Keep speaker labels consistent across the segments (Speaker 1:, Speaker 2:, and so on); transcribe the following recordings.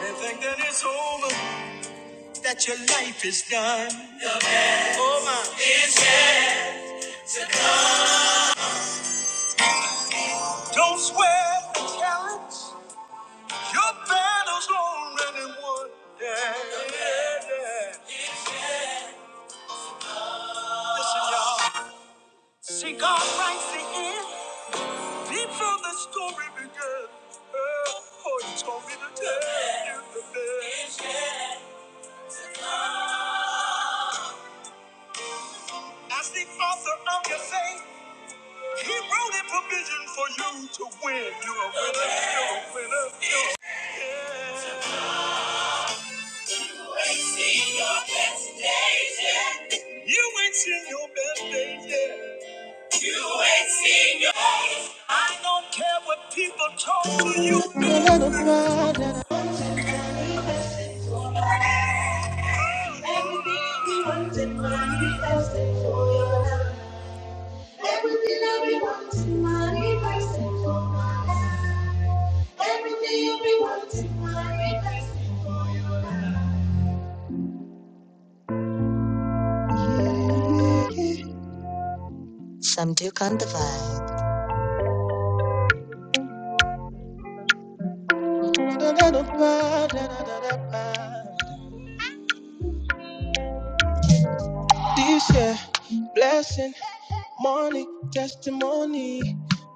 Speaker 1: They think that it's over, that your life is done. Don't swear the challenge. Your battle's already won. Yeah, yeah, yeah. Listen, y'all. See, God writes the end before the story began. Oh, oh, he told me to tell you the best. As the author of your faith, he wrote a provision for you to win. You're a winner. You're a winner. You're a winner. seen your best days yet. You ain't seen your best days yet. You ain't seen your. I don't care what people talk to
Speaker 2: Blood
Speaker 1: you.
Speaker 2: of blood. and I wanted manifested for my life. Everything I've been wanting manifested for your love. Everything I've been wanting manifested for my love. Everything I've been wanting manifested for your love. Some do come to find. Blood of blood. and I- This year, blessing. Money, testimony.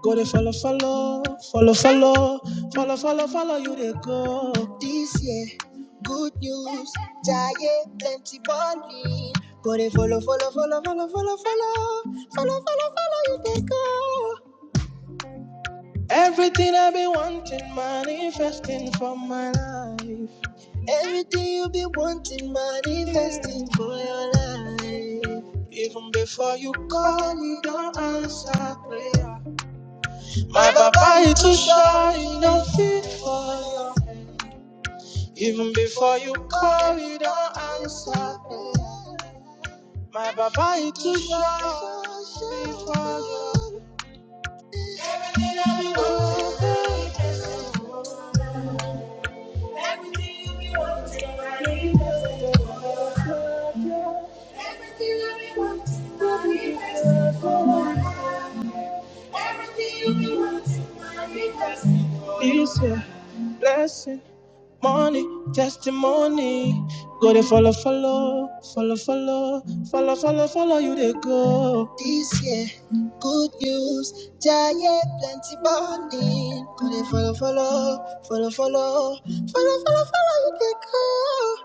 Speaker 2: Go to follow, follow, follow, follow, follow, follow, follow you they go. This year, good news. Go to follow, follow, follow, follow, follow, follow, follow, follow, follow you they go. Everything I be wanting, manifesting for my life. Everything you be wanting, manifesting for your life. Even before you call, you don't answer prayer. My Baba is to shine nothing for you. Even before you call, he don't answer. My Baba is to shine for you. Everything I be wanting. Everything I be wanting, I need it. Everything I be wanting, I need it. This year, blessing, money, testimony. Go they follow, follow, follow, follow, follow, follow, follow you they go. This year, good news, giant plenty body. Go they follow, follow, follow, follow, follow, follow, follow you they go.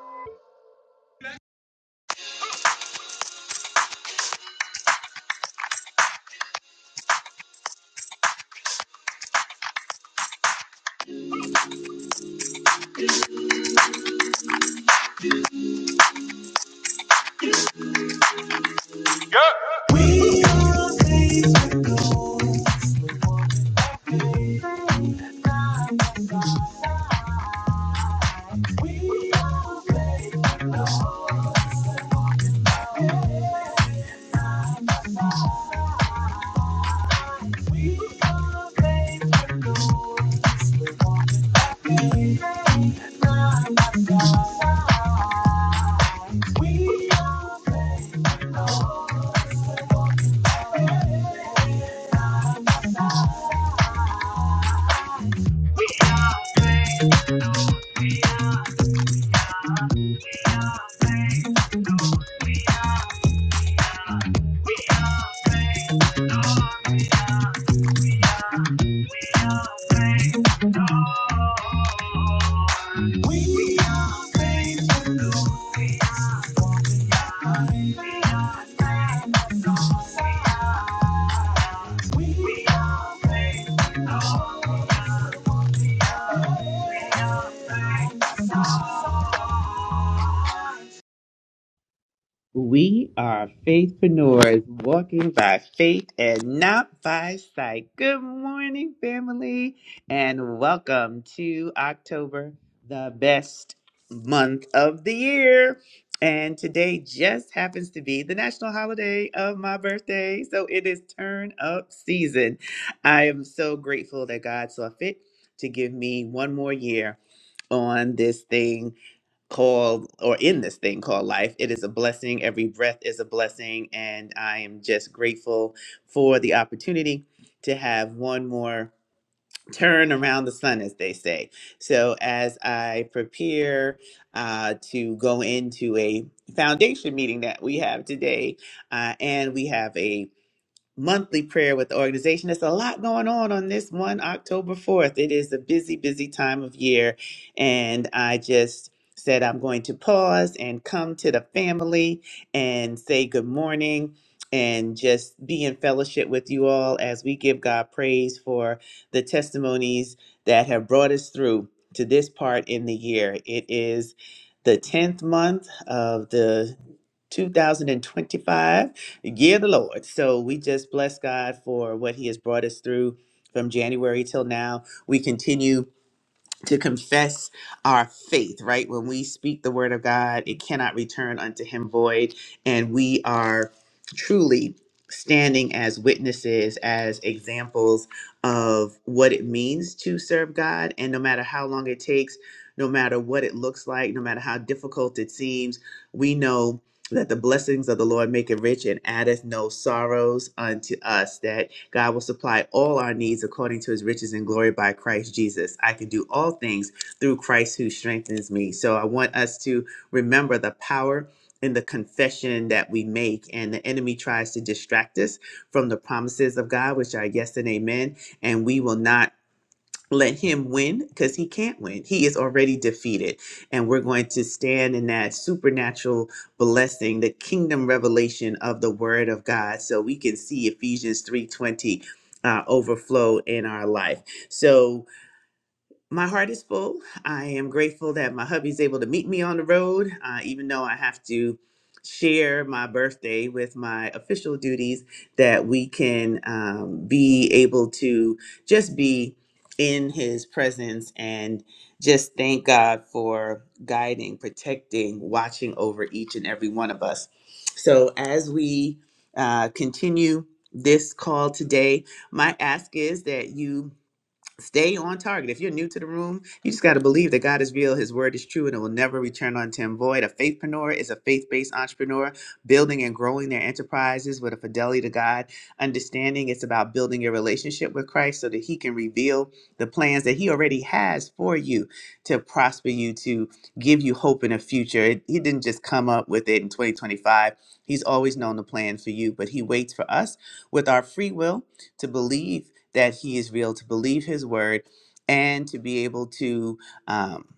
Speaker 1: We are faithpreneurs walking by faith and not by sight. Good morning, family, and welcome to October, the best month of the year. And today just happens to be the national holiday of my birthday. So it is turn up season. I am so grateful that God saw fit to give me one more year on this thing called or in this thing called life. It is a blessing. Every breath is a blessing. And I am just grateful for the opportunity to have one more turn around the sun, as they say. So, as I prepare uh, to go into a foundation meeting that we have today, uh, and we have a monthly prayer with the organization. There's a lot going on on this one October 4th. It is a busy, busy time of year. And I just said, I'm going to pause and come to the family and say good morning and just be in fellowship with you all as we give God praise for the testimonies that have brought us through to this part in the year. It is the 10th month of the 2025 Give the Lord. So we just bless God for what He has brought us through from January till now. We continue to confess our faith, right? When we speak the word of God, it cannot return unto him void. And we are truly standing as witnesses, as examples of what it means to serve God. And no matter how long it takes, no matter what it looks like, no matter how difficult it seems, we know that the blessings of the Lord make it rich and addeth no sorrows unto us. That God will supply all our needs according to his riches and glory by Christ Jesus. I can do all things through Christ who strengthens me. So I want us to remember the power in the confession that we make, and the enemy tries to distract us from the promises of God, which are yes and amen. And we will not let him win because he can't win. He is already defeated. And we're going to stand in that supernatural blessing, the kingdom revelation of the word of God. So we can see Ephesians 3:20 uh, overflow in our life. So my heart is full. I am grateful that my hubby's able to meet me on the road, uh, even though I have to share my birthday with my official duties, that we can um, be able to just be in his presence and just thank God for guiding, protecting, watching over each and every one of us. So as we uh, continue this call today, my ask is that you stay on target. If you're new to the room, you just got to believe that God is real, His word is true, and it will never return unto Him void. A faithpreneur is a faith based entrepreneur building and growing their enterprises with a fidelity to God. Understanding it's about building your relationship with Christ so that He can reveal the plans that He already has for you to prosper you, to give you hope in a future. It- He didn't just come up with it in 2025, He's always known the plan for you, but He waits for us with our free will to believe that he is real, to believe his word, and to be able to. Um,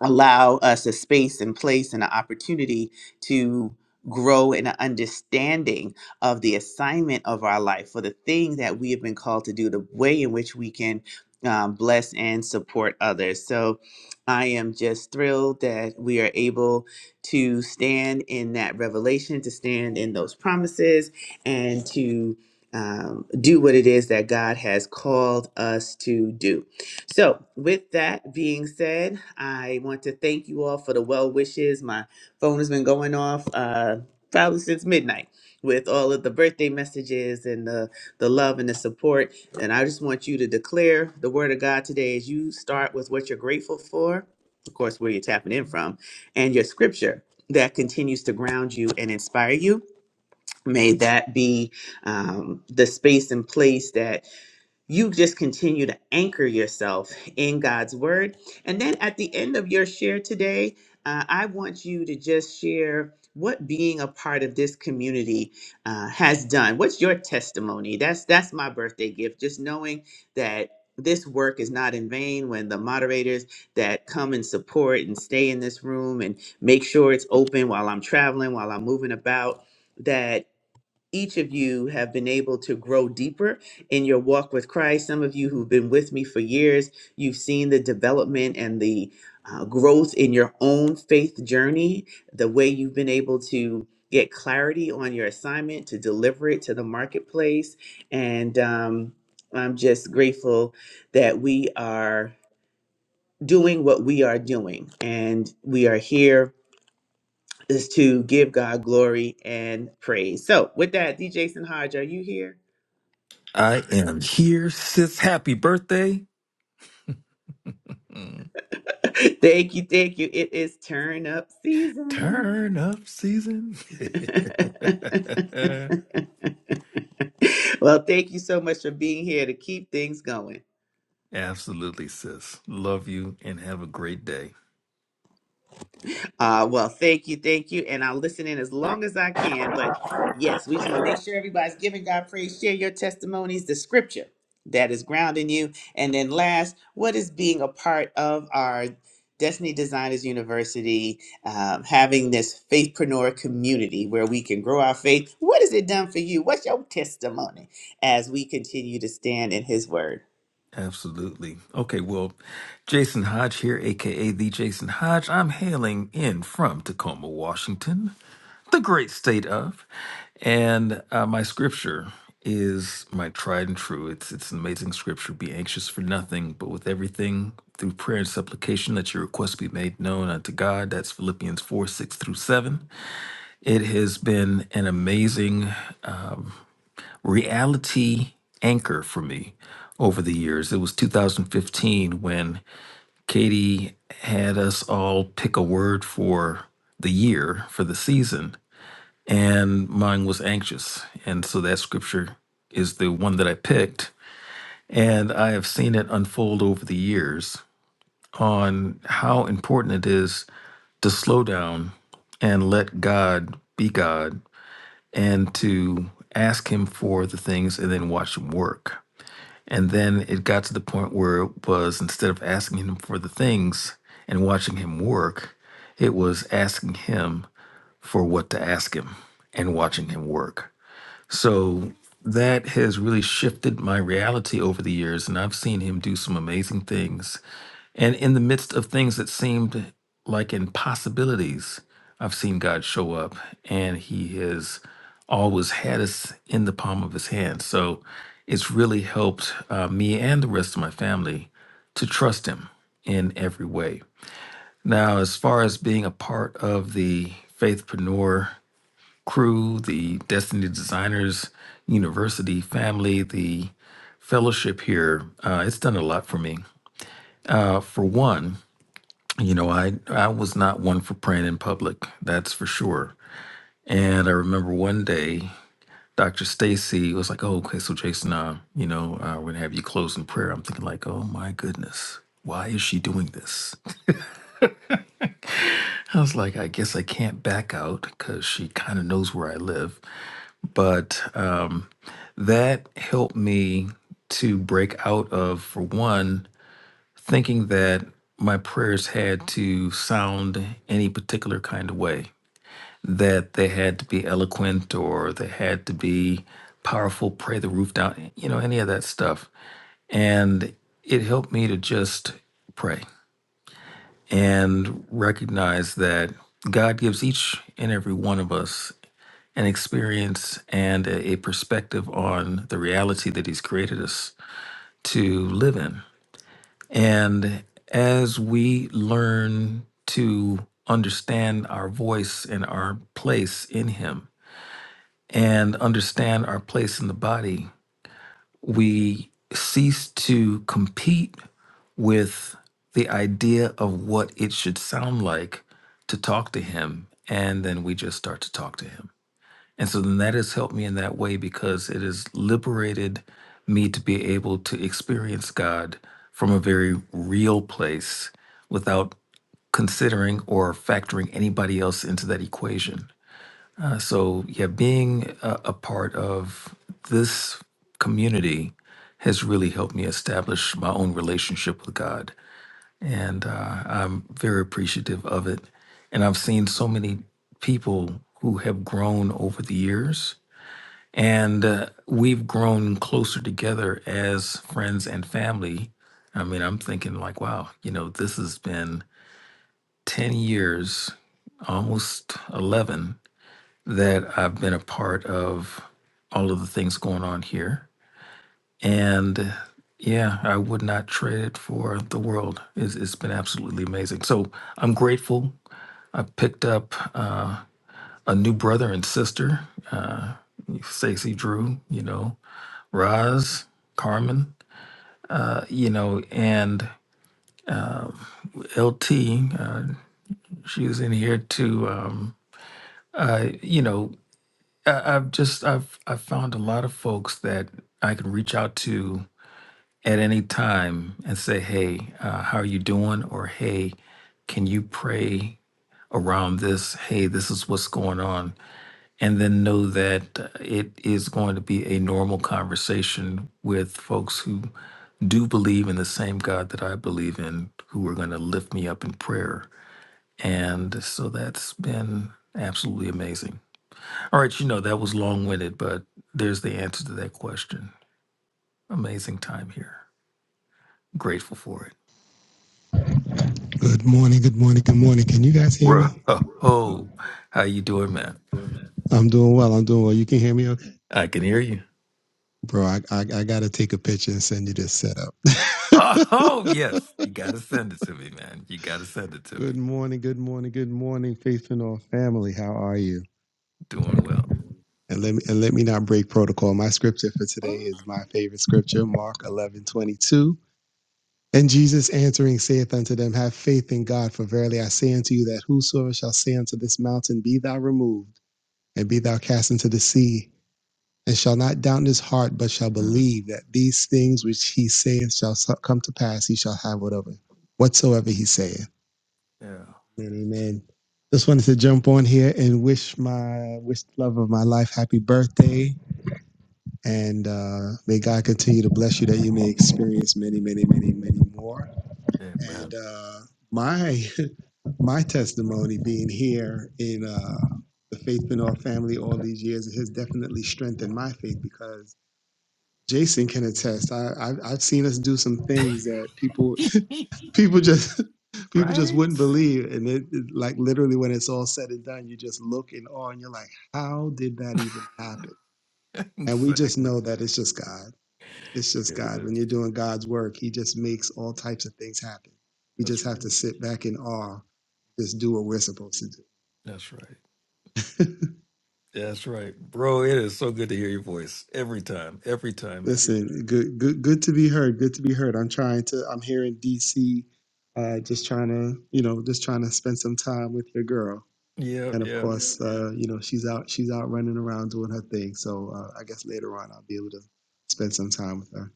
Speaker 1: allow us a space and place and an opportunity to grow in an understanding of the assignment of our life for the thing that we have been called to do, the way in which we can um, bless and support others. So I am just thrilled that we are able to stand in that revelation, to stand in those promises, and to um, do what it is that God has called us to do. So, with that being said, I want to thank you all for the well wishes. My phone has been going off uh, probably since midnight with all of the birthday messages and the, the love and the support. And I just want you to declare the word of God today as you start with what you're grateful for, of course, where you're tapping in from, and your scripture that continues to ground you and inspire you. May that be um, the space and place that you just continue to anchor yourself in God's word. And then at the end of your share today, uh, I want you to just share what being a part of this community uh, has done. What's your testimony? That's that's my birthday gift. Just knowing that this work is not in vain when the moderators that come and support and stay in this room and make sure it's open while I'm traveling, while I'm moving about, that each of you have been able to grow deeper in your walk with Christ. Some of you who've been with me for years, you've seen the development and the uh, growth in your own faith journey, the way you've been able to get clarity on your assignment, to deliver it to the marketplace. And um, I'm just grateful that we are doing what we are doing and we are here is to give God glory and praise. So, with that, D. Jason Hodge, are you here?
Speaker 3: I am here, sis. Happy birthday. Mm,
Speaker 1: Thank you, thank you. It is turn up season.
Speaker 3: Turn up season.
Speaker 1: well, thank you so much for being here to keep things going.
Speaker 3: Absolutely, sis. Love you and have a great day.
Speaker 1: Uh, well, thank you, thank you, and I'll listen in as long as I can. But yes, we just want to make sure everybody's giving God praise. Share your testimonies, the scripture that is grounding you, and then last, what is being a part of our Destiny Designers University, um, having this faithpreneur community where we can grow our faith. What has it done for you? What's your testimony as we continue to stand in His Word?
Speaker 3: Absolutely. Okay, well, Jason Hodge here, aka the Jason Hodge. I'm hailing in from Tacoma, Washington, the great state of, and uh, my scripture is my tried and true. It's it's an amazing scripture. Be anxious for nothing, but with everything through prayer and supplication, let your requests be made known unto God. That's Philippians four six through seven. It has been an amazing reality anchor for me over the years. It was 2015 when Katie had us all pick a word for the year, for the season, and mine was anxious. And so that scripture is the one that I picked. And I have seen it unfold over the years on how important it is to slow down and let God be God and to ask Him for the things and then watch Him work. And then it got to the point where it was instead of asking him for the things and watching him work, it was asking him for what to ask him and watching him work. So that has really shifted my reality over the years, and I've seen him do some amazing things. And in the midst of things that seemed like impossibilities, I've seen God show up, and He has always had us in the palm of His hand. So it's really helped uh, me and the rest of my family to trust Him in every way. Now, as far as being a part of the Faithpreneur crew, the Destiny Designers University family, the fellowship here. Uh, it's done a lot for me. Uh, for one, you know, I I was not one for praying in public. That's for sure. And I remember one day, Dr. Stacy was like, "Oh, okay, so Jason, uh, you know, uh, we're gonna have you close in prayer." I'm thinking like, "Oh my goodness." Why is she doing this? I was like, I guess I can't back out because she kind of knows where I live. But um, that helped me to break out of, for one, thinking that my prayers had to sound any particular kind of way, that they had to be eloquent or they had to be powerful, pray the roof down, you know, any of that stuff. And it helped me to just pray and recognize that God gives each and every one of us an experience and a, a perspective on the reality that He's created us to live in. And as we learn to understand our voice and our place in Him and understand our place in the body, we cease to compete with the idea of what it should sound like to talk to Him. And then we just start to talk to Him. And so then that has helped me in that way because it has liberated me to be able to experience God from a very real place without considering or factoring anybody else into that equation. Uh, so, yeah, being a, a part of this community has really helped me establish my own relationship with God. And uh, I'm very appreciative of it. And I've seen so many people who have grown over the years and uh, we've grown closer together as friends and family. I mean, I'm thinking like, wow, you know, this has been 10 years, almost 11 that I've been a part of all of the things going on here. And uh, yeah, I would not trade it for the world. It's, it's been absolutely amazing. So I'm grateful. I picked up uh, a new brother and sister, uh, Stacey Drew, you know, Roz, Carmen, uh, you know, and LT. Uh, she was in here too. Um, I, you know, I, I've just I've I've found a lot of folks that I can reach out to at any time and say, hey, uh, how are you doing? Or hey, can you pray around this? Hey, this is what's going on. and then know that uh, it is going to be a normal conversation with folks who do believe in the same God that I believe in, who are going to lift me up in prayer. And so that's been absolutely amazing. All right, you know, that was long winded, but there's the answer to that question. Amazing time here. Grateful for it.
Speaker 2: Good morning, good morning, good morning. Can you guys hear
Speaker 3: Bro.
Speaker 2: me?
Speaker 3: Oh, how you doing, man?
Speaker 2: I'm doing well. I'm doing well. You can hear me
Speaker 3: I can hear you.
Speaker 2: Bro, I, I I gotta take a picture and send you this setup.
Speaker 3: Oh, yes. You got to send it to me, man. You got to send it to me.
Speaker 2: good morning, good morning, good morning, Faith and All family. How are you?
Speaker 3: Doing well.
Speaker 2: And let me and let me not break protocol. My scripture for today
Speaker 4: Well,
Speaker 2: is my favorite scripture, Mark eleven twenty two. And Jesus answering saith unto them, Have faith in God, for verily I say unto you that whosoever shall say unto this mountain, Be thou removed, and be thou cast into the sea, and shall not doubt in his heart, but shall believe that these things which he saith shall so- come to pass, he shall have whatever, whatsoever he saith.
Speaker 3: Yeah.
Speaker 2: Amen. amen. Just wanted to jump on here and wish my wish the love of my life happy birthday, and uh, may God continue to bless you that you may experience many, many, many, many more.
Speaker 3: Amen.
Speaker 2: And uh, my my testimony being here in uh, the Faith Benoit family all these years has definitely strengthened my faith because Jason can attest. I, I I've seen us do some things that people people just people just
Speaker 3: right?
Speaker 2: wouldn't believe, and it, it- like literally when it's all said and done, you just look in awe, and you're like, how did that even happen? And we just
Speaker 3: exactly.
Speaker 2: know that it's just God. It's just
Speaker 3: It
Speaker 2: God. When
Speaker 3: is.
Speaker 2: you're doing God's work, He just makes all types of things happen. We
Speaker 3: That's
Speaker 2: just
Speaker 3: right.
Speaker 2: have to sit back in awe, just do what we're supposed to
Speaker 3: That's right.
Speaker 2: do.
Speaker 3: That's right. Bro, it is so good to hear your voice every time. Every time, man.
Speaker 2: Listen, good, good, good to be heard. Good to be heard. I'm trying to. I'm here in D.C. Uh, just trying to, you know, just trying to spend some time with your girl.
Speaker 3: Yeah,
Speaker 2: And of
Speaker 3: yeah.
Speaker 2: course, uh, you know, she's out. She's out running around doing her thing. So uh, I guess later on, I'll be able to spend some time with her.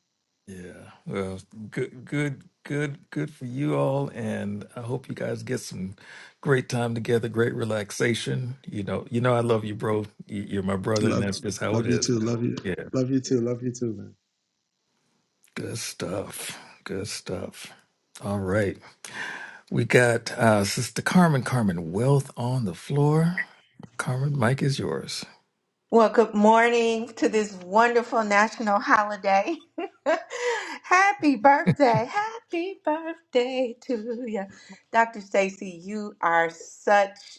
Speaker 3: Yeah. Well, good good good good for you all and I hope you guys get some great time together, great relaxation. You know, you know I love you, bro. You- You're my brother and
Speaker 2: Love,
Speaker 3: that's just how it
Speaker 2: love you
Speaker 3: is,
Speaker 2: too.
Speaker 3: man.
Speaker 2: Love you.
Speaker 3: Yeah.
Speaker 2: Love you too. Love you too, man.
Speaker 3: Good stuff. Good stuff. All right. We got uh, Sister Carmen, Carmen Wealth on the floor. Carmen, mic is yours.
Speaker 4: good morning to this wonderful national holiday. Happy birthday. Happy birthday to you. Dr. Stacy, you are such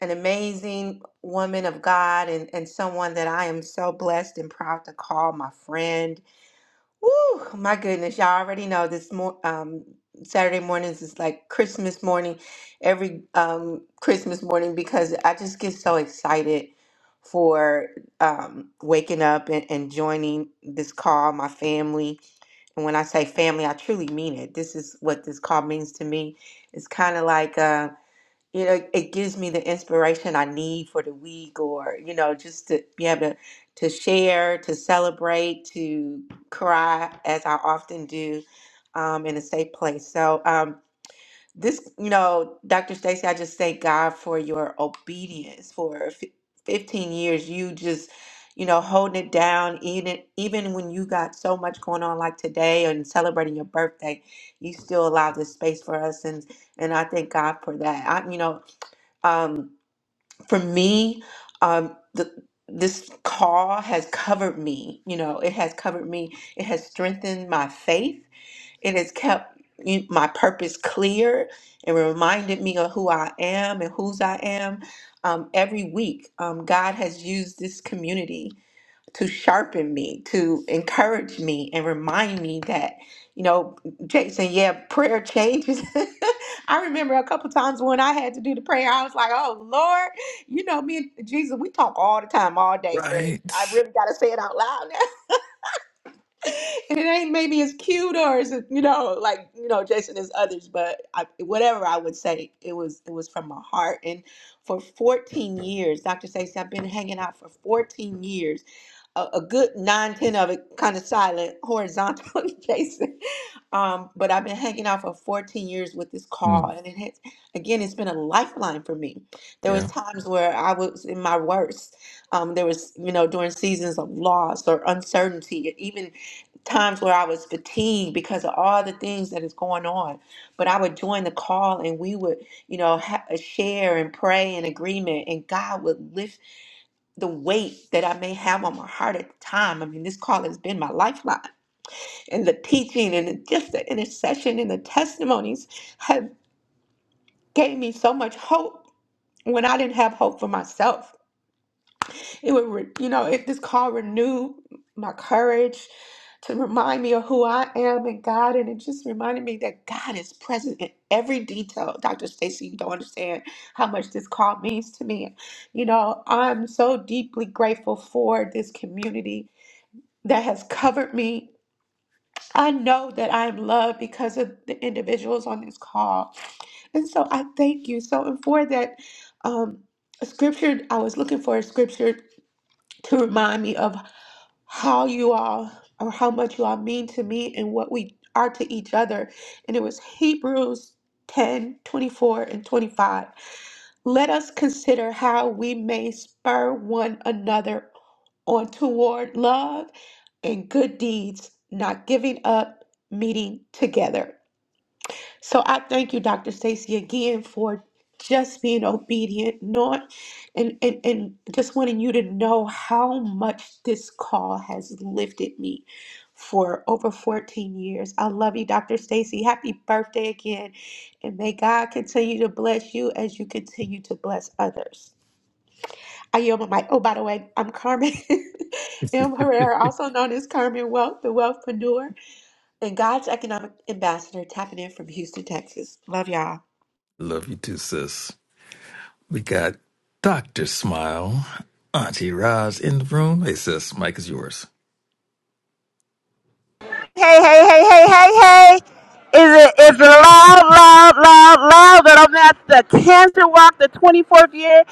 Speaker 4: an amazing woman of God and, and someone that I am so blessed and proud to call my friend Woo, my goodness, y'all already know this mor um Saturday mornings is like Christmas morning, every um Christmas morning because I just get so excited for um waking up and, and joining this call, my family. And when I say family, I truly mean it. This is what this call means to me. It's kind of like uh, you know it gives me the inspiration i need for the week or you know just to be able to, to share to celebrate to cry as i often do um, in a safe place so um, this you know dr stacy i just thank god for your obedience for f- 15 years you just you know holding it down even even when you got so much going on like today and celebrating your birthday you still allow this space for us and and I thank God for that. I, you know, um, for me, um, the, this call has covered me. You know, it has covered me. It has strengthened my faith. It has kept y- my purpose clear and reminded me of who I am and whose I am. Um, every week, um, God has used this community to sharpen me, to encourage me, and remind me that, you know, Jason, yeah, prayer changes. I remember a couple times when I had to do the prayer, I was like, oh, Lord, you know, me and Jesus, we talk all the time, all day, but
Speaker 3: Right.
Speaker 4: I really got to say it out loud now. and it ain't maybe as cute or as, you know, like, you know, Jason as others, but I, whatever I would say, it was, it was from my heart. And for 14 years, Dr. Stacey, I've been hanging out for 14 years a, a good nine, ten of it kind of silent, horizontal facing. Um, but I've been hanging out for 14 years with this call,
Speaker 3: Mm,
Speaker 4: and it has, again, it's been a lifeline for me. There was
Speaker 3: yeah.
Speaker 4: times where I was in my worst. Um, there was, you know, during seasons of loss or uncertainty, and even times where I was fatigued because of all the things that is going on. But I would join the call, and we would, you know, ha- share and pray in agreement, and God would lift the weight that I may have on my heart at the time. I mean, this call has been my lifeline, and the teaching and the, just the intercession and the testimonies have gave me so much hope when I didn't have hope for myself. It would, re- you know, it, this call renewed my courage to remind me of who I am in God, and it just reminded me that God is present in every detail. Dr. Stacy, you don't understand how much this call means to me. You know, I'm so deeply grateful for this community that has covered me. I know that I am loved because of the individuals on this call. And so I thank you. So, and for that um, scripture, I was looking for a scripture to remind me of how you all or how much you all mean to me and what we are to each other. And it was Hebrews 10 24 and 25. Let us consider how we may spur one another or toward love and good deeds, not giving up, meeting together. So I thank you, Dr. Stacy, again for just being obedient, not and, and and just wanting you to know how much this call has lifted me for over 14 years. I love you, Dr. Stacy. Happy birthday again. And may God continue to bless you as you continue to bless others. I yield my mic. Oh, by the way, I'm Carmen M. Herrera, also known as Carmen Wealth, the Wealthpreneur, and God's Economic Ambassador, tapping in from Houston, Texas. Love y'all.
Speaker 3: Love you too, sis. We got Dr. Smile, Auntie Roz in the room. Hey, sis, mic is yours.
Speaker 5: hey, hey, hey, hey, hey, hey. Is it is love, love, love, love that I'm at the Cancer Walk, the 24th year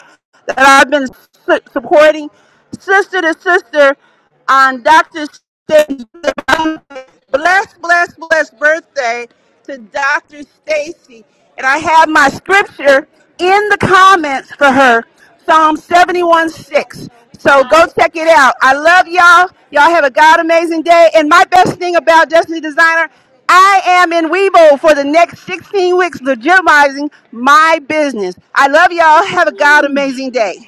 Speaker 5: that I've been su- supporting sister to sister on Dr. Stacy. Bless, bless, bless birthday to Dr. Stacy. And I have my scripture in the comments for her. Psalm 71 6. So go check it out. I love y'all. Y'all have a God amazing day. And my best thing about Destiny Designer, I am in Weibo for the next 16 weeks legitimizing my business. I love y'all. Have a God amazing day.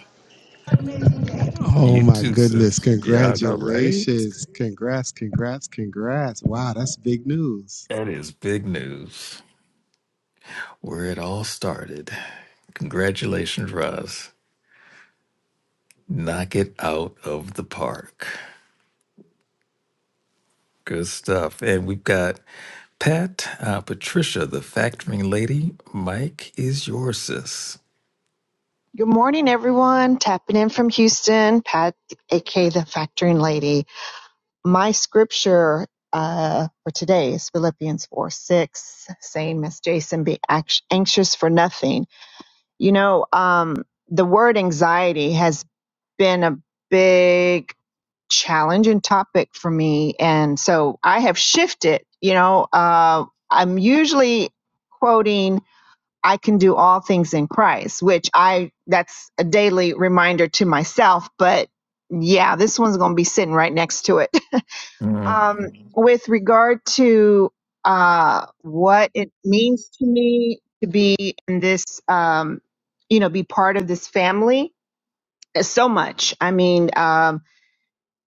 Speaker 2: Oh
Speaker 3: You
Speaker 2: my
Speaker 3: too,
Speaker 2: goodness!
Speaker 3: sis. Yeah, I know, right?
Speaker 2: Congratulations! Congrats! Congrats! Congrats! Wow, that's big news.
Speaker 3: That is big news. Where it all started. Congratulations, Roz. Knock it out of the park. Good stuff. And we've got Pat, uh, Patricia, the factoring lady, Mike is your sis.
Speaker 6: Good morning, everyone. Tapping in from Houston, Pat, aka the Factoring Lady. My scripture uh, for today is Philippians 4 6, same as Jason, be ax- anxious for nothing. You know, um, the word anxiety has been a big challenge and topic for me. And so I have shifted, you know, uh, I'm usually quoting I can do all things in Christ, which I that's a daily reminder to myself, but yeah, this one's going to be sitting right next to it.
Speaker 3: Mm.
Speaker 6: Um with regard to uh what it means to me to be in this um you know, be part of this family, so much. I mean, um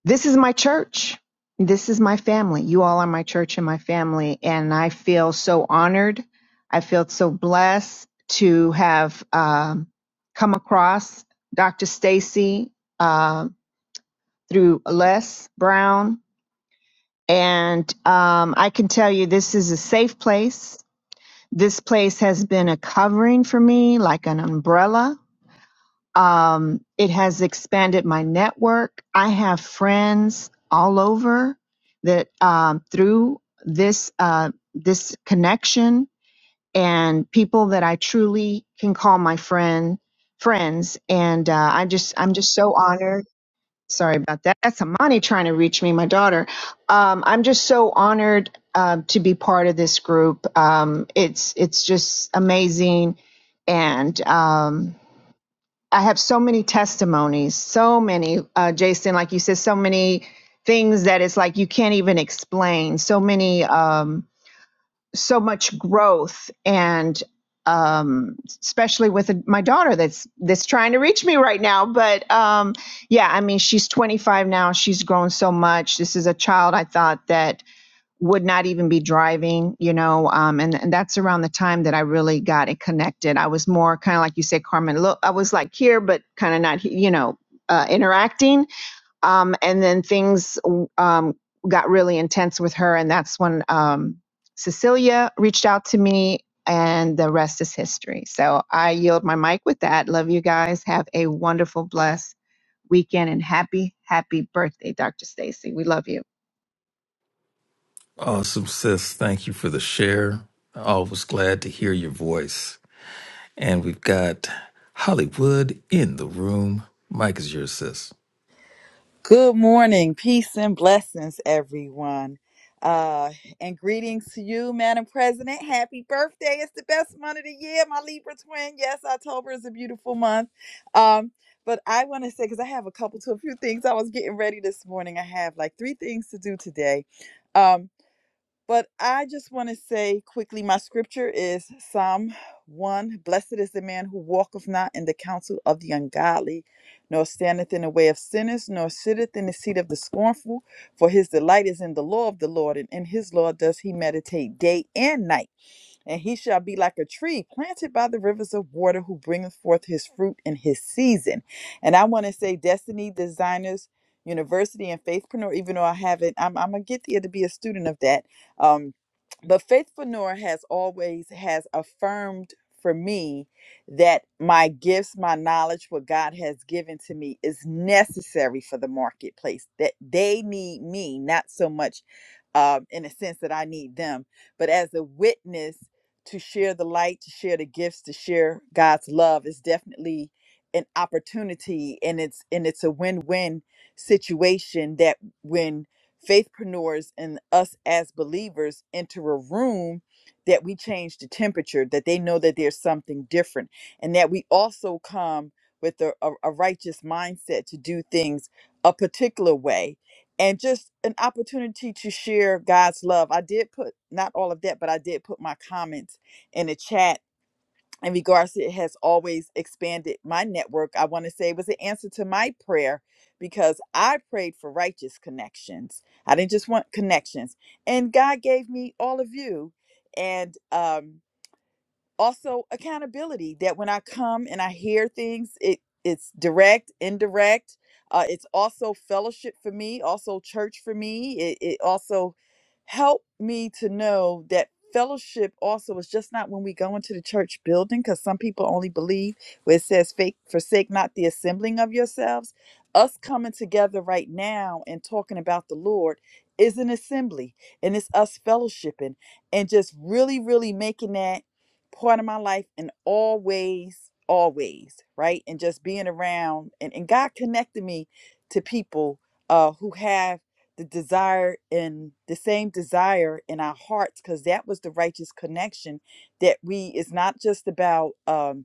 Speaker 6: this is my church. This is my family. You all are my church and my family. And I feel so honored. I feel so blessed to have um, come across Dr. Stacy um through Les Brown. And um, I can tell you this is a safe place. This place has been a covering for me, like an umbrella um, it has expanded my network. I have friends all over that um, through this uh, this connection and people that I truly can call my friend friends. And uh, I just I'm just so honored. Sorry about that. That's Amani trying to reach me, my daughter. Um, I'm just so honored um to be part of this group. Um, it's it's just amazing, and um, I have so many testimonies, so many, uh, Jason, like you said, so many things that it's like you can't even explain. So many, um, so much growth, and um, especially with my daughter that's that's trying to reach me right now. But um, yeah, I mean, she's 25 now. She's grown so much. This is a child I thought that would not even be driving, you know, um, and, and that's around the time that I really got it connected. I was more kind of like you say, Carmen, look, I was like here, but kind of not, you know, uh, interacting. Um, and then things um, got really intense with her. And that's when um, Cecilia reached out to me, and the rest is history. So I yield my mic with that. Love you guys. Have a wonderful, blessed weekend and happy, happy birthday, Dr. Stacy. We love you.
Speaker 3: Awesome, sis. Thank you for the share. Always glad to hear your voice. And we've got Hollywood in the room. Mike is your sis.
Speaker 7: Good morning, peace and blessings, everyone. Uh, and greetings to you, Madam President. Happy birthday. It's the best month of the year, my Libra twin. Yes, October is a beautiful month. Um, but I want to say, because I have a couple to a few things I was getting ready this morning. I have like three things to do today. Um, but I just want to say quickly my scripture is Psalm 1 Blessed is the man who walketh not in the counsel of the ungodly, nor standeth in the way of sinners, nor sitteth in the seat of the scornful. For his delight is in the law of the Lord, and in his law does he meditate day and night. And he shall be like a tree planted by the rivers of water, who bringeth forth his fruit in his season. And I want to say, Destiny Designers University and Faithpreneur, even though I haven't, I'm, I'm going to get there to be a student of that. Um, but Faithpreneur has always has affirmed for me that my gifts, my knowledge, what God has given to me is necessary for the marketplace, that they need me, not so much um, in a sense that I need them, but as a witness to share the light, to share the gifts, to share God's love is definitely an opportunity and it's and it's a win-win situation that when faithpreneurs and us as believers enter a room that we change the temperature, that they know that there's something different and that we also come with a, a, a righteous mindset to do things a particular way and just an opportunity to share God's love. I did put not all of that, but I did put my comments in the chat. In regards to it has always expanded my network. I want to say it was an answer to my prayer because I prayed for righteous connections. I didn't just want connections. And God gave me all of you. And um also accountability that when i come and i hear things it it's direct indirect uh, it's also fellowship for me also church for me it, it also helped me to know that fellowship also is just not when we go into the church building because some people only believe where it says fake forsake not the assembling of yourselves us coming together right now and talking about the lord is an assembly and it's us fellowshipping and just really really making that pour out of my life and always, always, right? And just being around and, and God connected me to people uh who have the desire and the same desire in our hearts because that was the righteous connection that we it's not just about um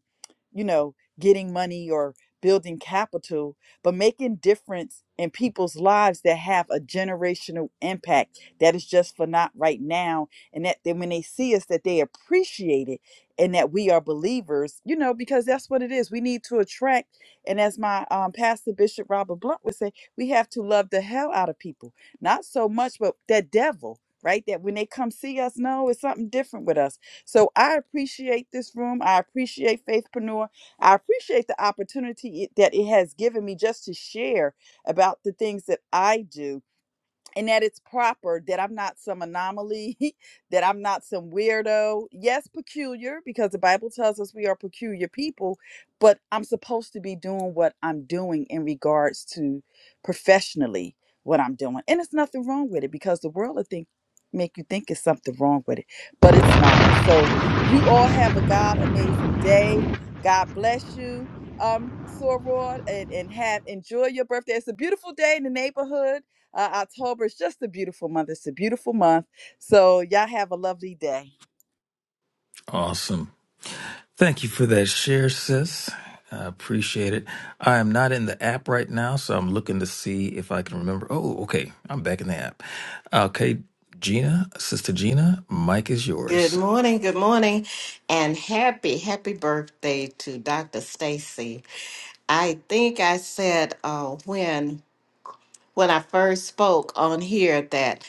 Speaker 7: you know getting money or building capital but making difference in people's lives that have a generational impact that is just for not right now and that they, when they see us that they appreciate it and that we are believers, you know, because that's what it is. We need to attract, and as my um, pastor Bishop Robert Blunt would say, we have to love the hell out of people. Not so much, but that devil, right? That when they come see us, no, it's something different with us. So I appreciate this room. I appreciate Faithpreneur. I appreciate the opportunity it, that it has given me just to share about the things that I do and that it's proper that I'm not some anomaly, that I'm not some weirdo. Yes, peculiar, because the Bible tells us we are peculiar people, but I'm supposed to be doing what I'm doing in regards to professionally what I'm doing. And it's nothing wrong with it because the world will think make you think it's something wrong with it, but it's not. So you all have a God amazing day. God bless you. Um, Sorod and, and have enjoy your birthday. It's a beautiful day in the neighborhood uh, October is just a beautiful month. It's a beautiful month. So y'all have a lovely day.
Speaker 3: Awesome. Thank you for that share, sis. I appreciate it. I am not in the app right now, so I'm looking to see if I can remember. Oh, okay. I'm back in the app. Okay, Gina, Sister Gina, Mike is
Speaker 8: Good
Speaker 3: yours.
Speaker 8: morning, good morning, and happy, happy birthday to Dr. Stacy. I think I said uh, when when I first spoke on here that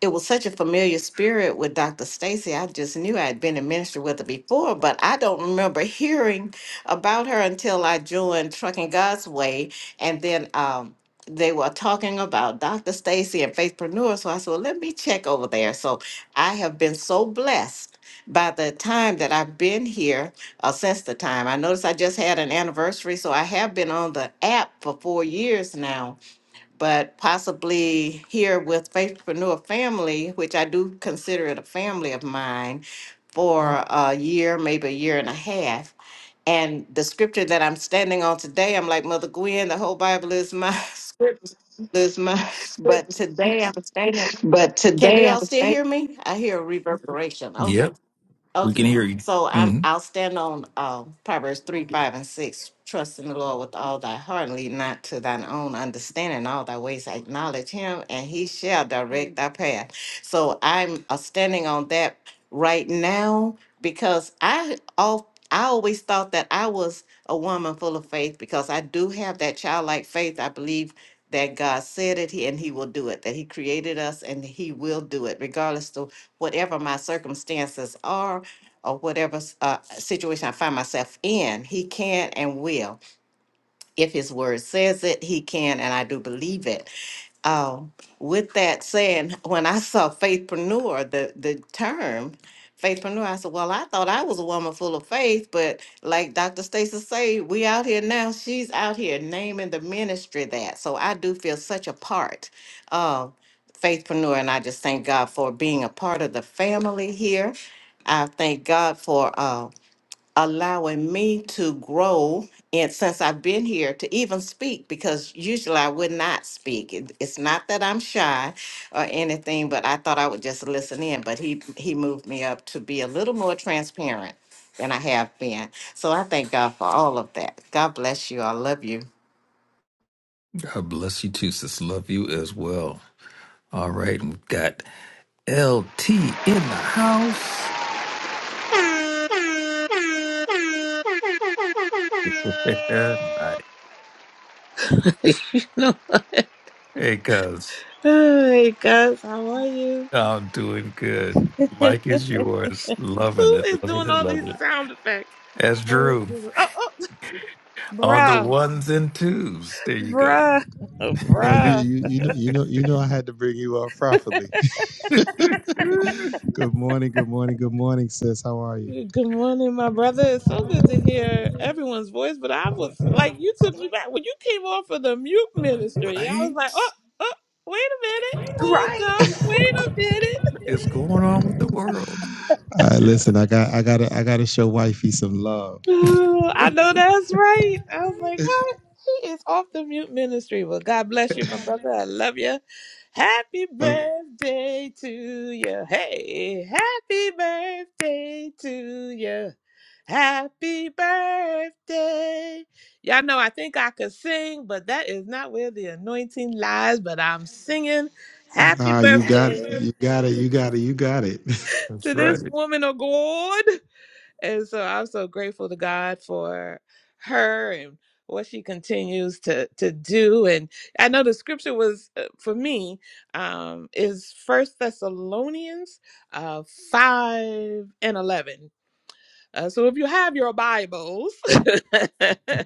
Speaker 8: it was such a familiar spirit with Dr. Stacy. I just knew I had been in ministry with her before, but I don't remember hearing about her until I joined Trucking God's Way. And then um, they were talking about Dr. Stacy and Faithpreneur. So I said, well, let me check over there. So I have been so blessed by the time that I've been here uh, since the time. I noticed I just had an anniversary. So I have been on the app for four years now but possibly here with Faithpreneur Family, which I do consider it a family of mine, for a year, maybe a year and a half. And the scripture that I'm standing on today, I'm like Mother Gwen, the whole Bible is my scripture. But today I'm standing. Can you all still hear me? I hear a reverberation. Okay.
Speaker 3: Yep, we
Speaker 8: Okay,
Speaker 3: can hear you.
Speaker 8: so I'm,
Speaker 3: hmm
Speaker 8: I'll stand on, uh, Proverbs three, five, and six. Trust in the Lord with all thy heart, and lean not to thine own understanding, In all thy ways acknowledge him, and he shall direct thy path. So I'm uh, standing on that right now because I all, I always thought that I was a woman full of faith because I do have that childlike faith. I believe that God said it and he will do it, that he created us and he will do it regardless of whatever my circumstances are or whatever uh, situation I find myself in, he can and will. If his word says it, he can, and I do believe it. Um, with that saying, when I saw faithpreneur, the the term faithpreneur, I said, "Well, I thought I was a woman full of faith, but like Dr. Stacy say, we out here now. She's out here naming the ministry that. So I do feel such a part of faithpreneur, and I just thank God for being a part of the family here. I thank God for. uh, allowing me to grow and since I've been here to even speak because usually I would not speak. It- it's not that I'm shy or anything, but I thought I would just listen in. But he he moved me up to be a little more transparent than I have been. So I thank God for all of that. God bless you. I love you.
Speaker 3: God bless you too, sis. Love you as well. All right, and we've got LT in the house. Yeah, nice.
Speaker 9: you know.
Speaker 3: Hey, cuz.
Speaker 9: Hey guys, how are you?
Speaker 3: I'm doing good.
Speaker 9: Who
Speaker 3: Mike is yours. Loving it.
Speaker 9: is
Speaker 3: Loving
Speaker 9: doing
Speaker 3: it.
Speaker 9: all these
Speaker 3: Loving it.
Speaker 9: sound effects?
Speaker 3: That's
Speaker 9: Praise
Speaker 3: Drew
Speaker 9: Jesus. Oh, oh,
Speaker 3: on the
Speaker 9: bruh,
Speaker 3: ones and twos. There you go.
Speaker 9: bruh,
Speaker 2: Boy, you
Speaker 9: bruh.
Speaker 2: you you know you know you know I had to bring you up properly. good morning, good morning, good morning, sis. How are you?
Speaker 9: Good morning, my brother. It's so good to hear everyone's voice. But I was like, you took me back when you came off of the mute ministry. I was like,
Speaker 3: right?
Speaker 9: oh, oh, wait a minute,
Speaker 4: Right.
Speaker 9: hold up, wait a minute.
Speaker 2: All
Speaker 3: It's going on with the world.
Speaker 2: right,
Speaker 3: Yeah,
Speaker 2: listen, I got I gotta I gotta show wifey some love.
Speaker 9: Oh, I know that's right. I was like, what? He is off the mute ministry. Well, God bless you, my brother. I love you. Happy
Speaker 2: Oh,
Speaker 9: birthday to you. Hey, happy birthday to you. Happy birthday. Y'all know I think I could sing, but that is not where the anointing lies. But I'm singing happy
Speaker 2: ah, you got it.
Speaker 9: birthday
Speaker 2: You got it, you got
Speaker 9: to
Speaker 2: it, you got it.
Speaker 3: that's
Speaker 9: this
Speaker 3: right.
Speaker 9: woman of God. And so I'm so grateful to God for her and what she continues to to do. And I know the scripture was uh, for me um, is First Thessalonians uh, five and eleven. Uh, so if you have your Bibles,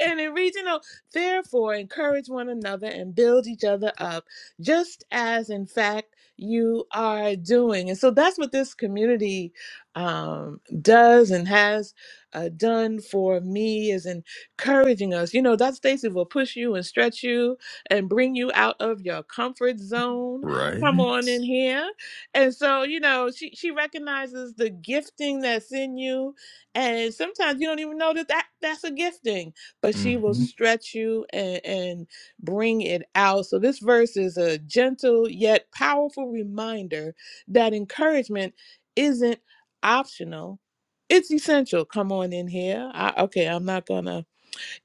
Speaker 9: and in regional, therefore, encourage one another and build each other up, just as in fact you are doing. And so that's what this community um, does and has uh, done for me is encouraging us. You know, Dr. Stacy will push you and stretch you and bring you out of your comfort zone.
Speaker 3: Right?
Speaker 9: Come on in here. And so, you know, she, she recognizes the gifting that's in you. And sometimes you don't even know that, that that's a gifting but she will
Speaker 3: hmm
Speaker 9: stretch you and, and bring it out. So, this verse is a gentle yet powerful reminder that encouragement isn't optional. It's essential. Come on in here. I, okay, I'm not gonna,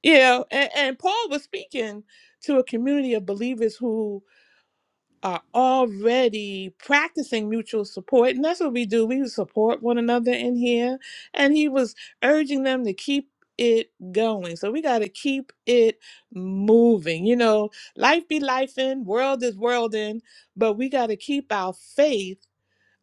Speaker 9: you know. And, and Paul was speaking to a community of believers who are already practicing mutual support and that's what we do we support one another in here and he was urging them to keep it going so we got to keep it moving you know life be life in world is world in but we got to keep our faith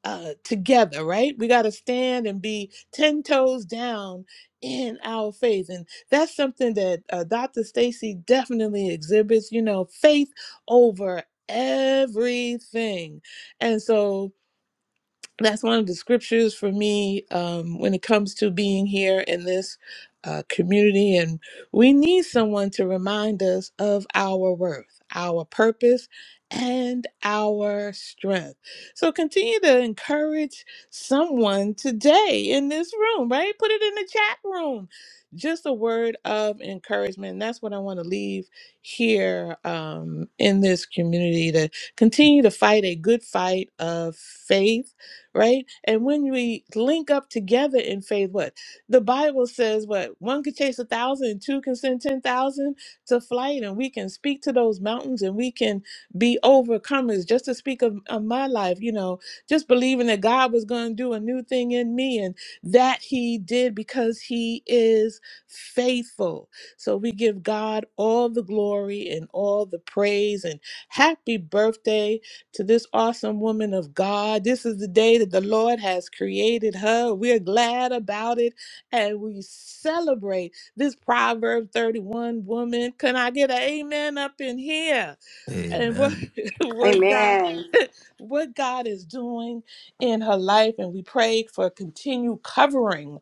Speaker 9: uh, together, right? We got to stand and be 10 toes down in our faith. And that's something that uh, Dr. Stacy definitely exhibits, you know, faith over everything. And so that's one of the scriptures for me um, when it comes to being here in this uh, community. And we need someone to remind us of our worth, our purpose, and our strength. So continue to encourage someone today in this room, right? Put it in the chat room. Just a word of encouragement. That's what I want to leave here um, in this community to continue to fight a good fight of faith right? And when we link up together in faith, what the Bible says, what one could chase a thousand, and two can send ten thousand to flight, and we can speak to those mountains, and we can be overcomers. Just to speak of, of my life, you know, just believing that God was going to do a new thing in me, and that He did because He is faithful. So we give God all the glory and all the praise, and happy birthday to this awesome woman of God. This is the day that the Lord has created her. We're glad about it and we celebrate this Proverb 31 woman. Can I get an amen up in here? and what
Speaker 3: Amen.
Speaker 9: what God
Speaker 4: Amen.
Speaker 9: what God is doing in her life and we pray for continued covering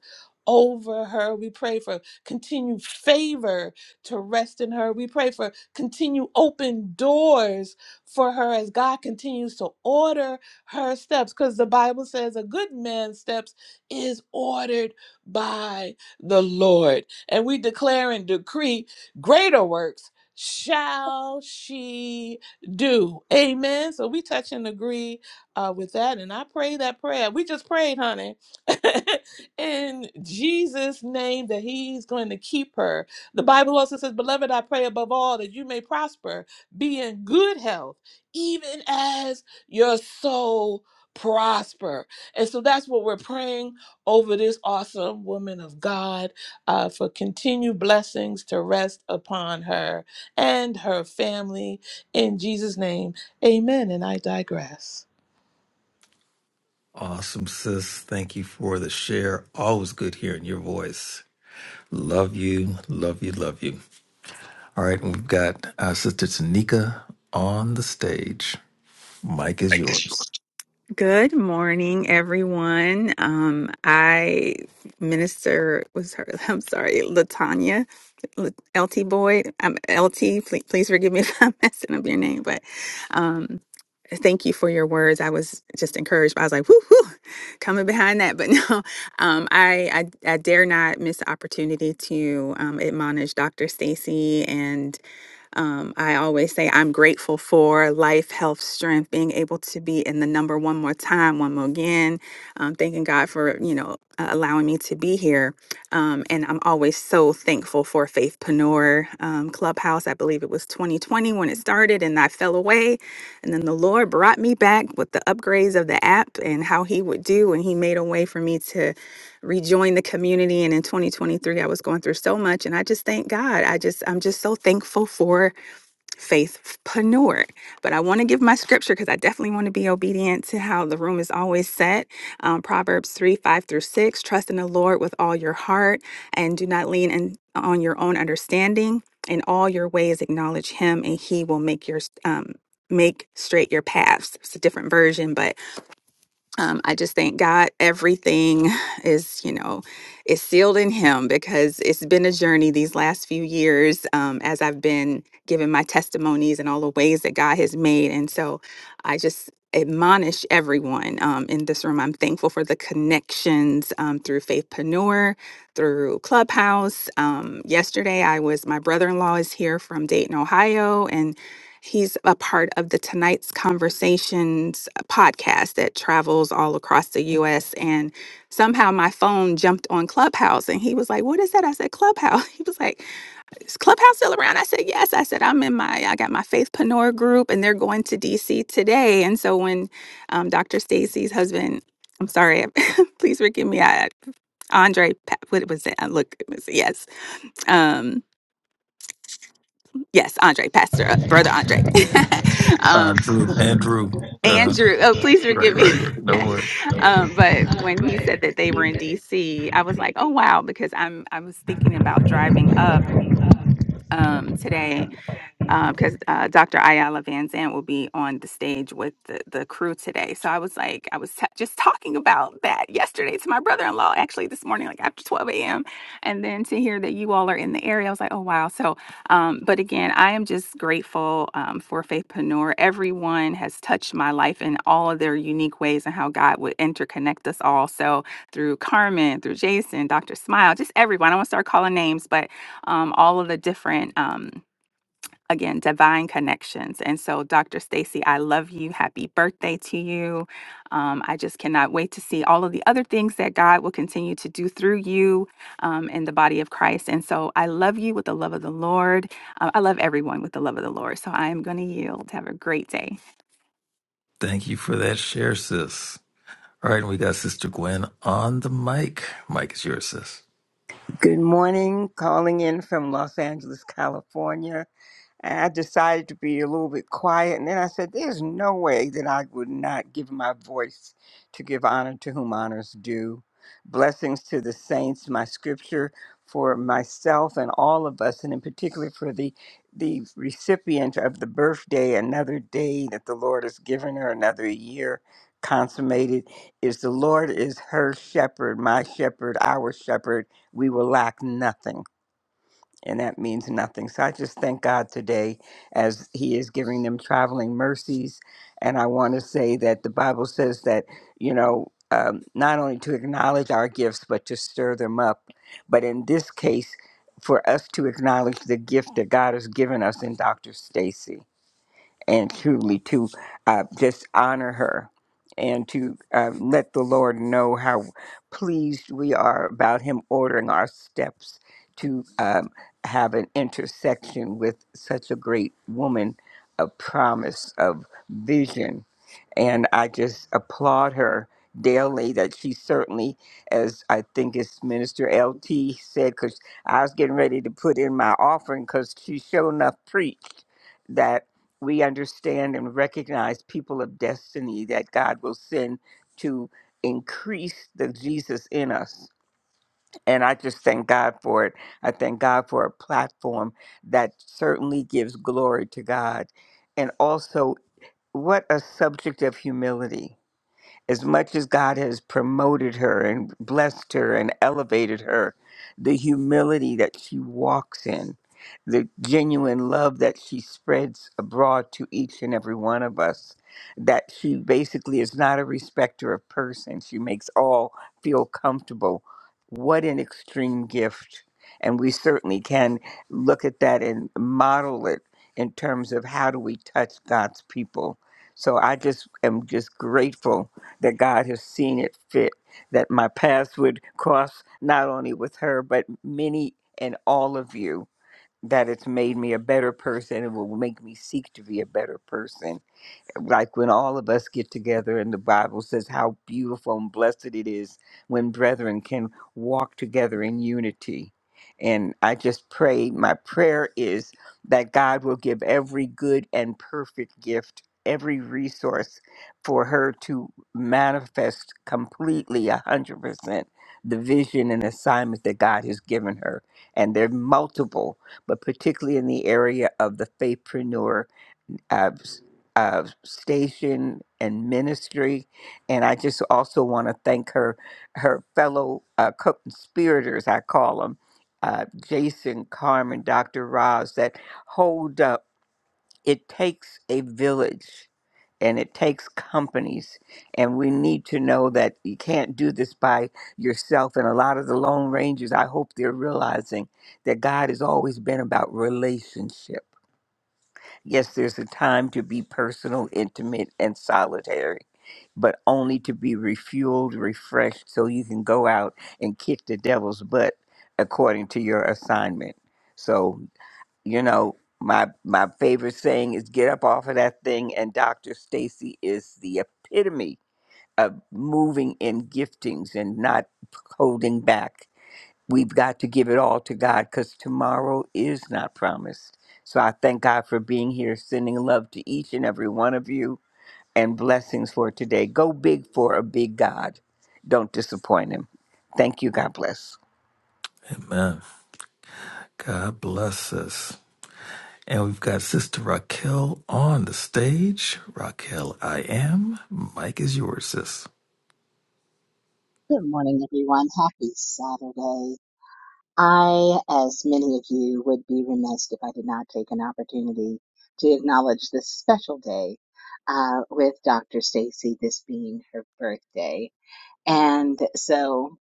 Speaker 9: over her. We pray for continued favor to rest in her. We pray for continued open doors for her as God continues to order her steps because the Bible says a good man's steps is ordered by the Lord. And we declare and decree greater works shall she do. Amen. So we touch and agree uh, with that. And I pray that prayer. We just prayed, honey, in Jesus' name that He's going to keep her. The Bible also says, Beloved, I pray above all that you may prosper, be in good health, even as your soul prosper. And so that's what we're praying over this awesome woman of God uh, for continued blessings to rest upon her and her family in Jesus' name, amen. And I digress.
Speaker 3: Awesome, sis. Thank you for the share. Always good hearing your voice. Love you, love you, love you. All right, and we've got our sister Tanika on the stage. Mike is yours.
Speaker 10: Good morning, everyone. Um, I minister was her. I'm sorry, Latanya, L- LT Boyd. I'm LT. Please, please forgive me if I'm messing up your name, but um, thank you for your words. I was just encouraged. by I was like, whoo, whoo, coming behind that. But no, um, I, I I dare not miss the opportunity to um, admonish Dr. Stacy um, I always say I'm grateful for life, health, strength, being able to be in the number one more time, one more again. Um, thanking God for, you know, uh, allowing me to be here. Um, and I'm always so thankful for Faithpreneur um, Clubhouse. I believe it was 2020 when it started and I fell away. And then the Lord brought me back with the upgrades of the app and how He would do. And He made a way for me to rejoin the community. And in 2023, I was going through so much. And I just thank God. I just, I'm just so thankful for faithpreneur. But I want to give my scripture because I definitely want to be obedient to how the room is always set. Um, Proverbs 3 5 through 6 Trust in the Lord with all your heart and do not lean in, on your own understanding. In all your ways, acknowledge him, and he will make your um, make straight your paths. It's a different version, but um, I just thank God everything is, you know, is sealed in Him because it's been a journey these last few years um, as I've been giving my testimonies and all the ways that God has made. And so I just admonish everyone um, in this room. I'm thankful for the connections um, through Faithpreneur, through Clubhouse. Um, yesterday, I was, my brother in law is here from Dayton, Ohio, and. He's a part of the Tonight's Conversations podcast that travels all across the US. And somehow my phone jumped on Clubhouse and he was like, What is that? I said, Clubhouse. He was like, Is Clubhouse still around? I said, Yes. I said, I'm in my, I got my Faith Panor group and they're going to DC today. And so when um, Dr. Stacy's husband, I'm sorry, please forgive me. I, Andre, Pa- what was it? I look, it was, yes. Um, yes, Andre, Pastor, uh, Brother Andre.
Speaker 3: Uh,
Speaker 10: um,
Speaker 3: Drew, Andrew. Uh,
Speaker 10: Andrew, oh, please forgive
Speaker 3: right,
Speaker 10: me.
Speaker 3: right. No worry.
Speaker 10: um, but when he said that they were in DC, I was like, oh wow, because I'm I was thinking about driving up um today because uh, Dr. Ayala Van Zandt will be on the stage with the, the crew today. So I was like, I was t- just talking about that yesterday to my brother in law, actually this morning, like after 12 a.m. And then to hear that you all are in the area, I was like, oh, wow. So, um, but again, I am just grateful um, for Faithpreneur. Everyone has touched my life in all of their unique ways and how God would interconnect us all. So through Carmen, through Jason, Dr. Smile, just everyone. I want to start calling names, but um, all of the different. Um, again, divine connections. And so, Dr. Stacy, I love you. Happy birthday to you. Um, I just cannot wait to see all of the other things that God will continue to do through you um, in the body of Christ. And so, I love you with the love of the Lord. Uh, I love everyone with the love of the Lord. So, I am going to yield. Have a great day.
Speaker 3: Thank you for that share, sis. All right, and we got Sister Gwen on the mic. Mic is yours, sis.
Speaker 11: Good morning. Calling in from Los Angeles, California. And I decided to be a little bit quiet. And then I said, There's no way that I would not give my voice to give honor to whom honors due. Blessings to the saints, my scripture for myself and all of us, and in particular for the the recipient of the birthday, another day that the Lord has given her, another year consummated, is the Lord is her shepherd, my shepherd, our shepherd. We will lack nothing and that means nothing. So I just thank God today as He is giving them traveling mercies. And I want to say that the Bible says that, you know, um, not only to acknowledge our gifts, but to stir them up. But in this case, for us to acknowledge the gift that God has given us in Dr. Stacy and truly to uh, just honor her and to uh, let the Lord know how pleased we are about Him ordering our steps to um, have an intersection with such a great woman of promise, of vision. And I just applaud her daily that she certainly, as I think it's Minister L.T. said, because I was getting ready to put in my offering because she sure enough preached we understand and recognize people of destiny that God will send to increase the Jesus in us. And I just thank God for it. I thank God for a platform that certainly gives glory to God. And also, what a subject of humility as much as God has promoted her and blessed her and elevated her, the humility that she walks in, the genuine love that she spreads abroad to each and every one of us, that she basically is not a respecter of person. She makes all feel comfortable. What an extreme gift. And we certainly can look at that and model it in terms of how do we touch God's people. So I just am just grateful that God has seen it fit that my paths would cross not only with her, but many and all of you, that it's made me a better person. It will make me seek to be a better person like when all of us get together and the Bible says how beautiful and blessed it is when brethren can walk together in unity. And I just pray, my prayer is that God will give every good and perfect gift, every resource for her to manifest completely, 100%, the vision and assignment that God has given her. And they're multiple, but particularly in the area of the faithpreneur of, of station and ministry. And I just also want to thank her, her fellow uh, co-conspirators, I call them, uh, Jason, Carmen, Dr. Roz, that hold up. It takes a village and it takes companies. And we need to know that you can't do this by yourself. And a lot of the Lone Rangers, I hope they're realizing that God has always been about relationship Yes, there's a time to be personal, intimate, and solitary, but only to be refueled, refreshed, so you can go out and kick the devil's butt according to your assignment. So, you know, my my favorite saying is get up off of that thing, and Dr. Stacy is the epitome of moving in giftings and not holding back we've got to give it all to God because tomorrow is not promised. So I thank God for being here, sending love to each and every one of you, and blessings for today. Go big for a big God. Don't disappoint him. Thank you. God bless.
Speaker 3: Amen. God bless us. And we've got Sister Raquel on the stage. Raquel, I am. Mike is yours, sis.
Speaker 12: Good morning, everyone. Happy Saturday. I, as many of you, would be remiss if I did not take an opportunity to acknowledge this special day uh, with Dr. Stacy, this being her birthday. And so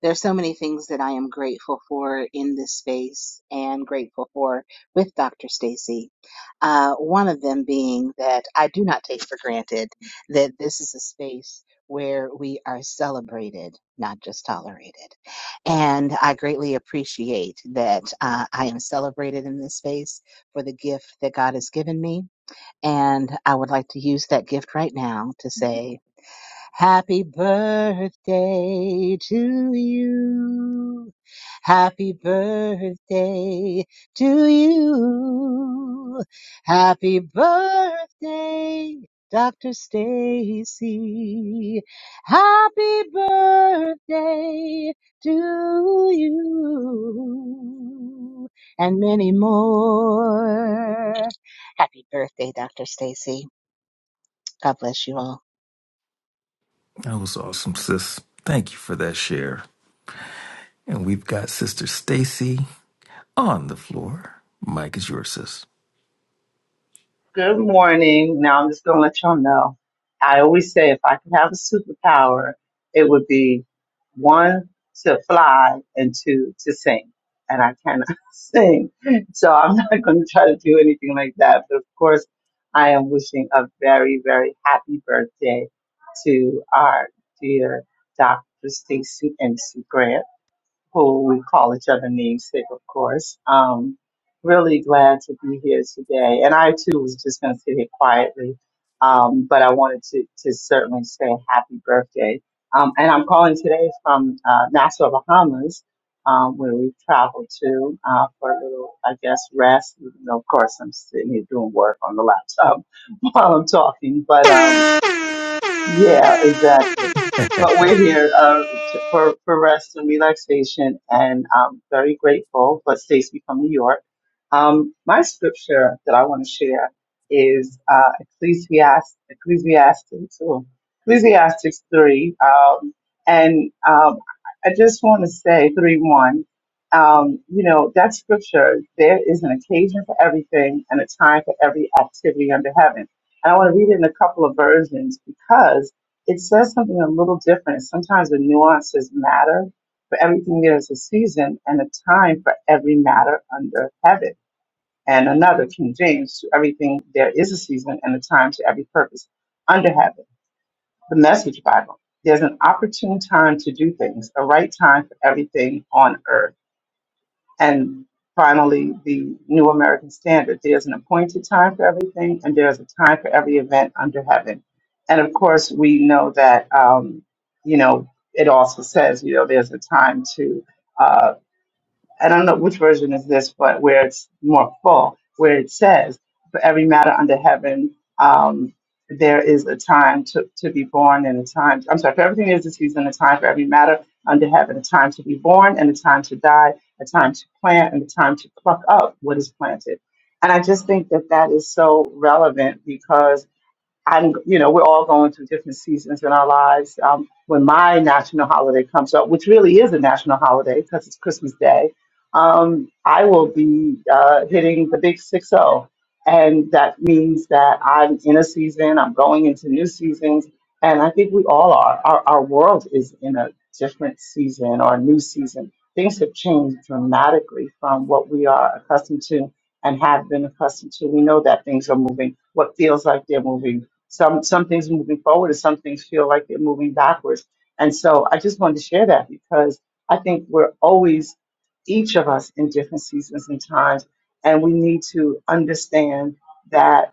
Speaker 12: there's so many things that I am grateful for in this space and grateful for with Dr. Stacy. Uh, one of them being that I do not take for granted that this is a space where we are celebrated, not just tolerated. And I greatly appreciate that uh, I am celebrated in this space for the gift that God has given me and I would like to use that gift right now to say, Happy birthday to you. Happy birthday to you. Happy birthday, Dr. Stacy. Happy birthday to you. And many more. Happy birthday, Dr. Stacy. God bless you all.
Speaker 3: That was awesome, sis. Thank you for that share. And we've got Sister Stacy on the floor. Mike is yours, sis.
Speaker 13: Good morning. Now I'm just going to let y'all know. I always say if I could have a superpower, it would be one to fly and two to sing. And I cannot sing. So I'm not going to try to do anything like that. But of course, I am wishing a very, very happy birthday to our dear Dr. Stacy MC Grant who we call each other namesake, of course. Um, really glad to be here today. And I too was just going to sit here quietly, um, but I wanted to, to certainly say happy birthday. Um, and I'm calling today from uh, Nassau, Bahamas, um, where we traveled to uh, for a little, I guess, rest. Even though, of course, I'm sitting here doing work on the laptop while I'm talking, but. Um, yeah, exactly. But we're here uh, t- for, for rest and relaxation, and I'm very grateful for Stacy from New York. Um, my scripture that I want to share is uh, Ecclesiastes, Ecclesiastes, oh, Ecclesiastes 3. Um, and um, I just want to say 3 1. Um, you know, that scripture, there is an occasion for everything and a time for every activity under heaven and I want to read it in a couple of versions because it says something a little different. Sometimes the nuances matter. For everything there is a season and a time for every matter under heaven. And another, King James, to everything there is a season and a time to every purpose under heaven. The Message Bible. There's an opportune time to do things, a right time for everything on earth. And finally, the New American Standard. There's an appointed time for everything, and there's a time for every event under heaven. And of course, we know that, um, you know, it also says, you know, there's a time to. uh, I don't know which version is this, but where it's more full, where it says, for every matter under heaven, um, there is a time to, to be born and a time, I'm sorry, for everything there's a season, a time for every matter under heaven, a time to be born and a time to die, a time to plant and a time to pluck up what is planted. And I just think that that is so relevant because I'm, you know, we're all going through different seasons in our lives. Um, when my national holiday comes up, which really is a national holiday because it's Christmas Day, um, I will be uh, hitting the big six zero, and that means that I'm in a season. I'm going into new seasons, and I think we all are. Our, our world is in a different season or a new season. Things have changed dramatically from what we are accustomed to and have been accustomed to. We know that things are moving. What feels like they're moving some some things moving forward, and some things feel like they're moving backwards. And so I just wanted to share that because I think we're always each of us in different seasons and times, and we need to understand that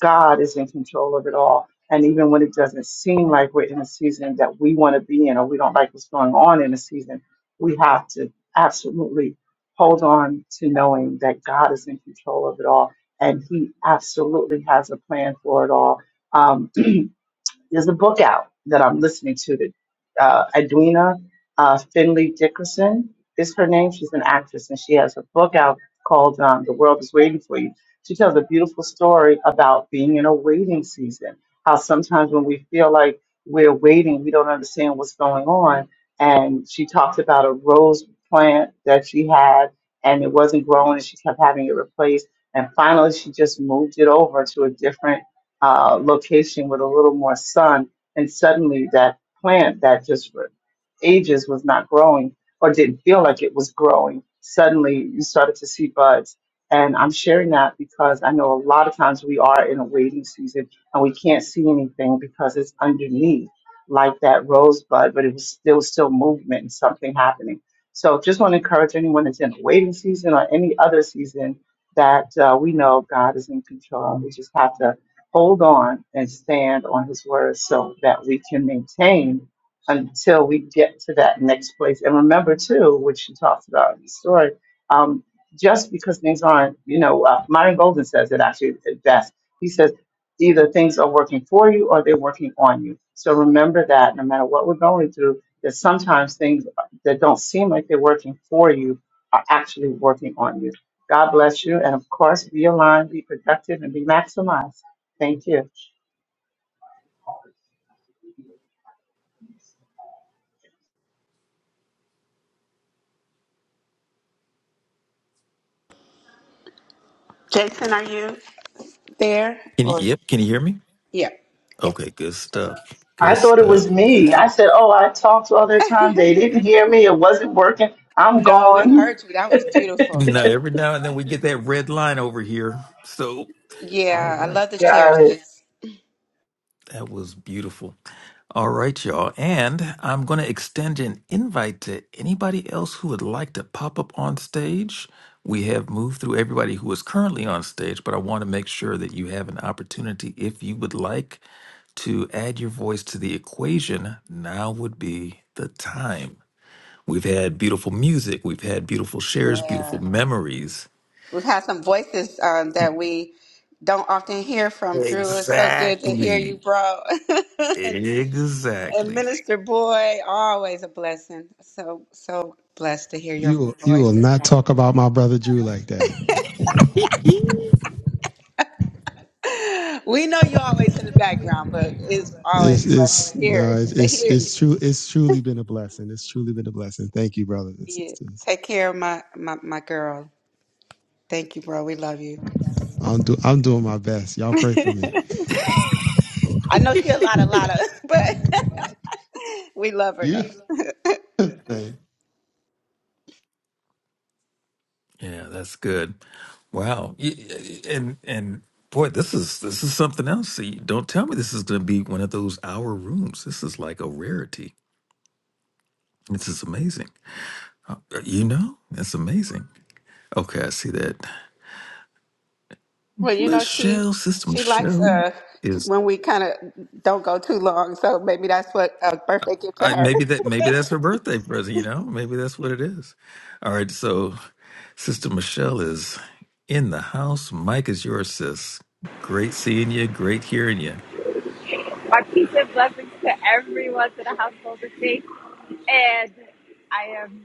Speaker 13: God is in control of it all. And even when it doesn't seem like we're in a season that we want to be in, or we don't like what's going on in a season, we have to absolutely hold on to knowing that God is in control of it all and He absolutely has a plan for it all. Um, there's a book out that I'm listening to that uh, Edwina uh, Finley Dickerson is her name. She's an actress and she has a book out called um, The World is Waiting for You. She tells a beautiful story about being in a waiting season, how sometimes when we feel like we're waiting, we don't understand what's going on. And she talks about a rose plant that she had and it wasn't growing and she kept having it replaced. And finally, she just moved it over to a different uh, location with a little more sun, and suddenly that plant that just for ages was not growing or didn't feel like it was growing, suddenly you started to see buds. And I'm sharing that because I know a lot of times we are in a waiting season and we can't see anything because it's underneath, like that rosebud, but it was there was still movement and something happening. So just want to encourage anyone that's in a waiting season or any other season that uh, we know God is in control. We just have to hold on and stand on his word so that we can maintain until we get to that next place. And remember, too, which she talks about in the story, um, just because things aren't, you know, uh, Myron Golden says it actually at best. He says either things are working for you or they're working on you. So remember that no matter what we're going through, that sometimes things that don't seem like they're working for you are actually working on you. God bless you. And of course, be aligned, be productive, and be maximized. Thank you.
Speaker 3: Can you,
Speaker 4: Or,
Speaker 3: yep, can you hear me?
Speaker 4: Yeah. yeah.
Speaker 3: Okay, good stuff.
Speaker 13: I
Speaker 3: Good
Speaker 13: thought it was
Speaker 3: stuff.
Speaker 13: me.
Speaker 4: So,
Speaker 13: I said, Oh, I talked all that time. They didn't hear me. It wasn't working. I'm
Speaker 4: no, we
Speaker 13: gone.
Speaker 4: heard you. That was beautiful.
Speaker 3: Now,
Speaker 4: Thank
Speaker 3: every now and then we get that red line over here. So,
Speaker 4: you.
Speaker 3: all
Speaker 4: Yeah, I
Speaker 3: right.
Speaker 4: love the shares.
Speaker 13: Got it.
Speaker 4: sis.
Speaker 3: That was beautiful. All right, y'all. And I'm going to extend an invite to anybody else who would like to pop up on stage. We have moved through everybody who is currently on stage, but I want to make sure that you have an opportunity if you would like to add your voice to the equation. Now would be the time. We've had beautiful music, we've had beautiful shares, beautiful
Speaker 4: Yeah.
Speaker 3: memories.
Speaker 4: We've had some voices um, that we don't often hear from. Drew, it's so good to hear you,
Speaker 3: Exactly.
Speaker 4: bro. And
Speaker 3: Exactly.
Speaker 4: Minister Boy, always a blessing. So so blessed to hear your
Speaker 2: You will you
Speaker 4: voice
Speaker 2: will
Speaker 4: this
Speaker 2: not
Speaker 4: morning.
Speaker 2: talk about my brother Drew like that.
Speaker 4: We know you're always in the background, but it's always
Speaker 2: It's
Speaker 4: a blessing
Speaker 2: it's
Speaker 4: to hear
Speaker 2: no,
Speaker 4: it,
Speaker 2: it's
Speaker 4: to
Speaker 2: it's,
Speaker 4: hear you.
Speaker 2: it's true it's truly been a blessing. It's truly been a blessing. Thank you, brothers and
Speaker 4: Yeah.
Speaker 2: sisters.
Speaker 4: Take care of my, my my girl. Thank you, bro. We love you.
Speaker 2: I'm do I'm doing my best. Y'all pray for me.
Speaker 4: I know she a lot, a lot of, but we love her though.
Speaker 2: Yeah. Hey, Everything
Speaker 3: Yeah, that's good. Wow. Y- y- And and boy, this is this is something else. See, don't tell me this is going to be one of those hour rooms. This is like a rarity. This is amazing. Uh, You know, that's amazing. Okay, I see that.
Speaker 4: Well, you know she
Speaker 3: Michelle, sister
Speaker 4: she likes
Speaker 3: Michelle
Speaker 4: uh
Speaker 3: is
Speaker 4: when we kind of don't go too long, so maybe that's what a birthday gift to
Speaker 3: I,
Speaker 4: her.
Speaker 3: maybe that maybe that's her birthday present. You know, maybe that's what it is. All right, so sister Michelle is in the house. Mike is yours, sis. Great seeing you. Great hearing you.
Speaker 14: My peace and blessings to everyone in the household this week. And I am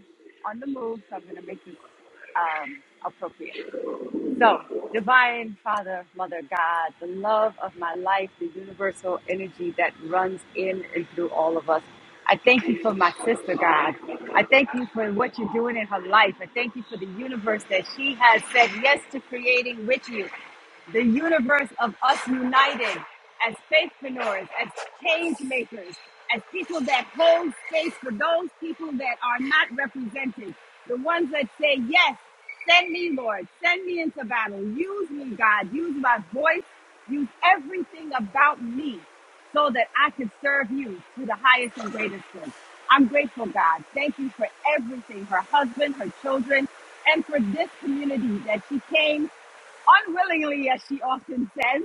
Speaker 14: on the move, so I'm going to make this um, appropriate. So, Divine Father, Mother God, the love of my life, the universal energy that runs in and through all of us. I thank you for my sister, God. I thank you for what you're doing in her life. I thank you for the universe that she has said yes to creating with you the universe of us united as faithpreneurs, as change makers, as people that hold space for those people that are not represented, the ones that say, Yes, send me, Lord, send me into battle. Use me, God. Use my voice. Use everything about me so that I can serve you to the highest and greatest good. I'm grateful, God. Thank you for everything her husband, her children, and for this community that she came unwillingly, as she often says,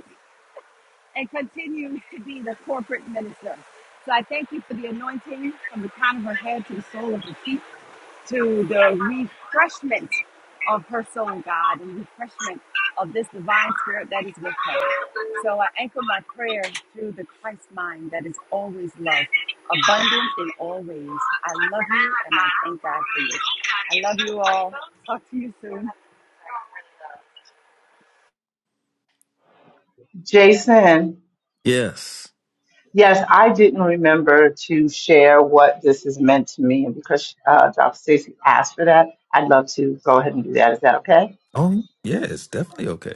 Speaker 14: and continues to be the corporate minister. So I thank you for the anointing from the crown of her head to the sole of her feet, to the refreshment of her soul, God, and refreshment of this divine spirit that is with her. So I anchor my prayer through the Christ mind that is always love, abundant in all ways. I love you and I thank God for you. I love you all. Talk to you soon.
Speaker 13: Jason,
Speaker 3: Yes.
Speaker 13: yes, I didn't remember to share what this has meant to me. And because uh, Dr. Stacy asked for that, I'd love to go ahead and do that. Is that okay?
Speaker 3: Oh, yeah, it's definitely okay.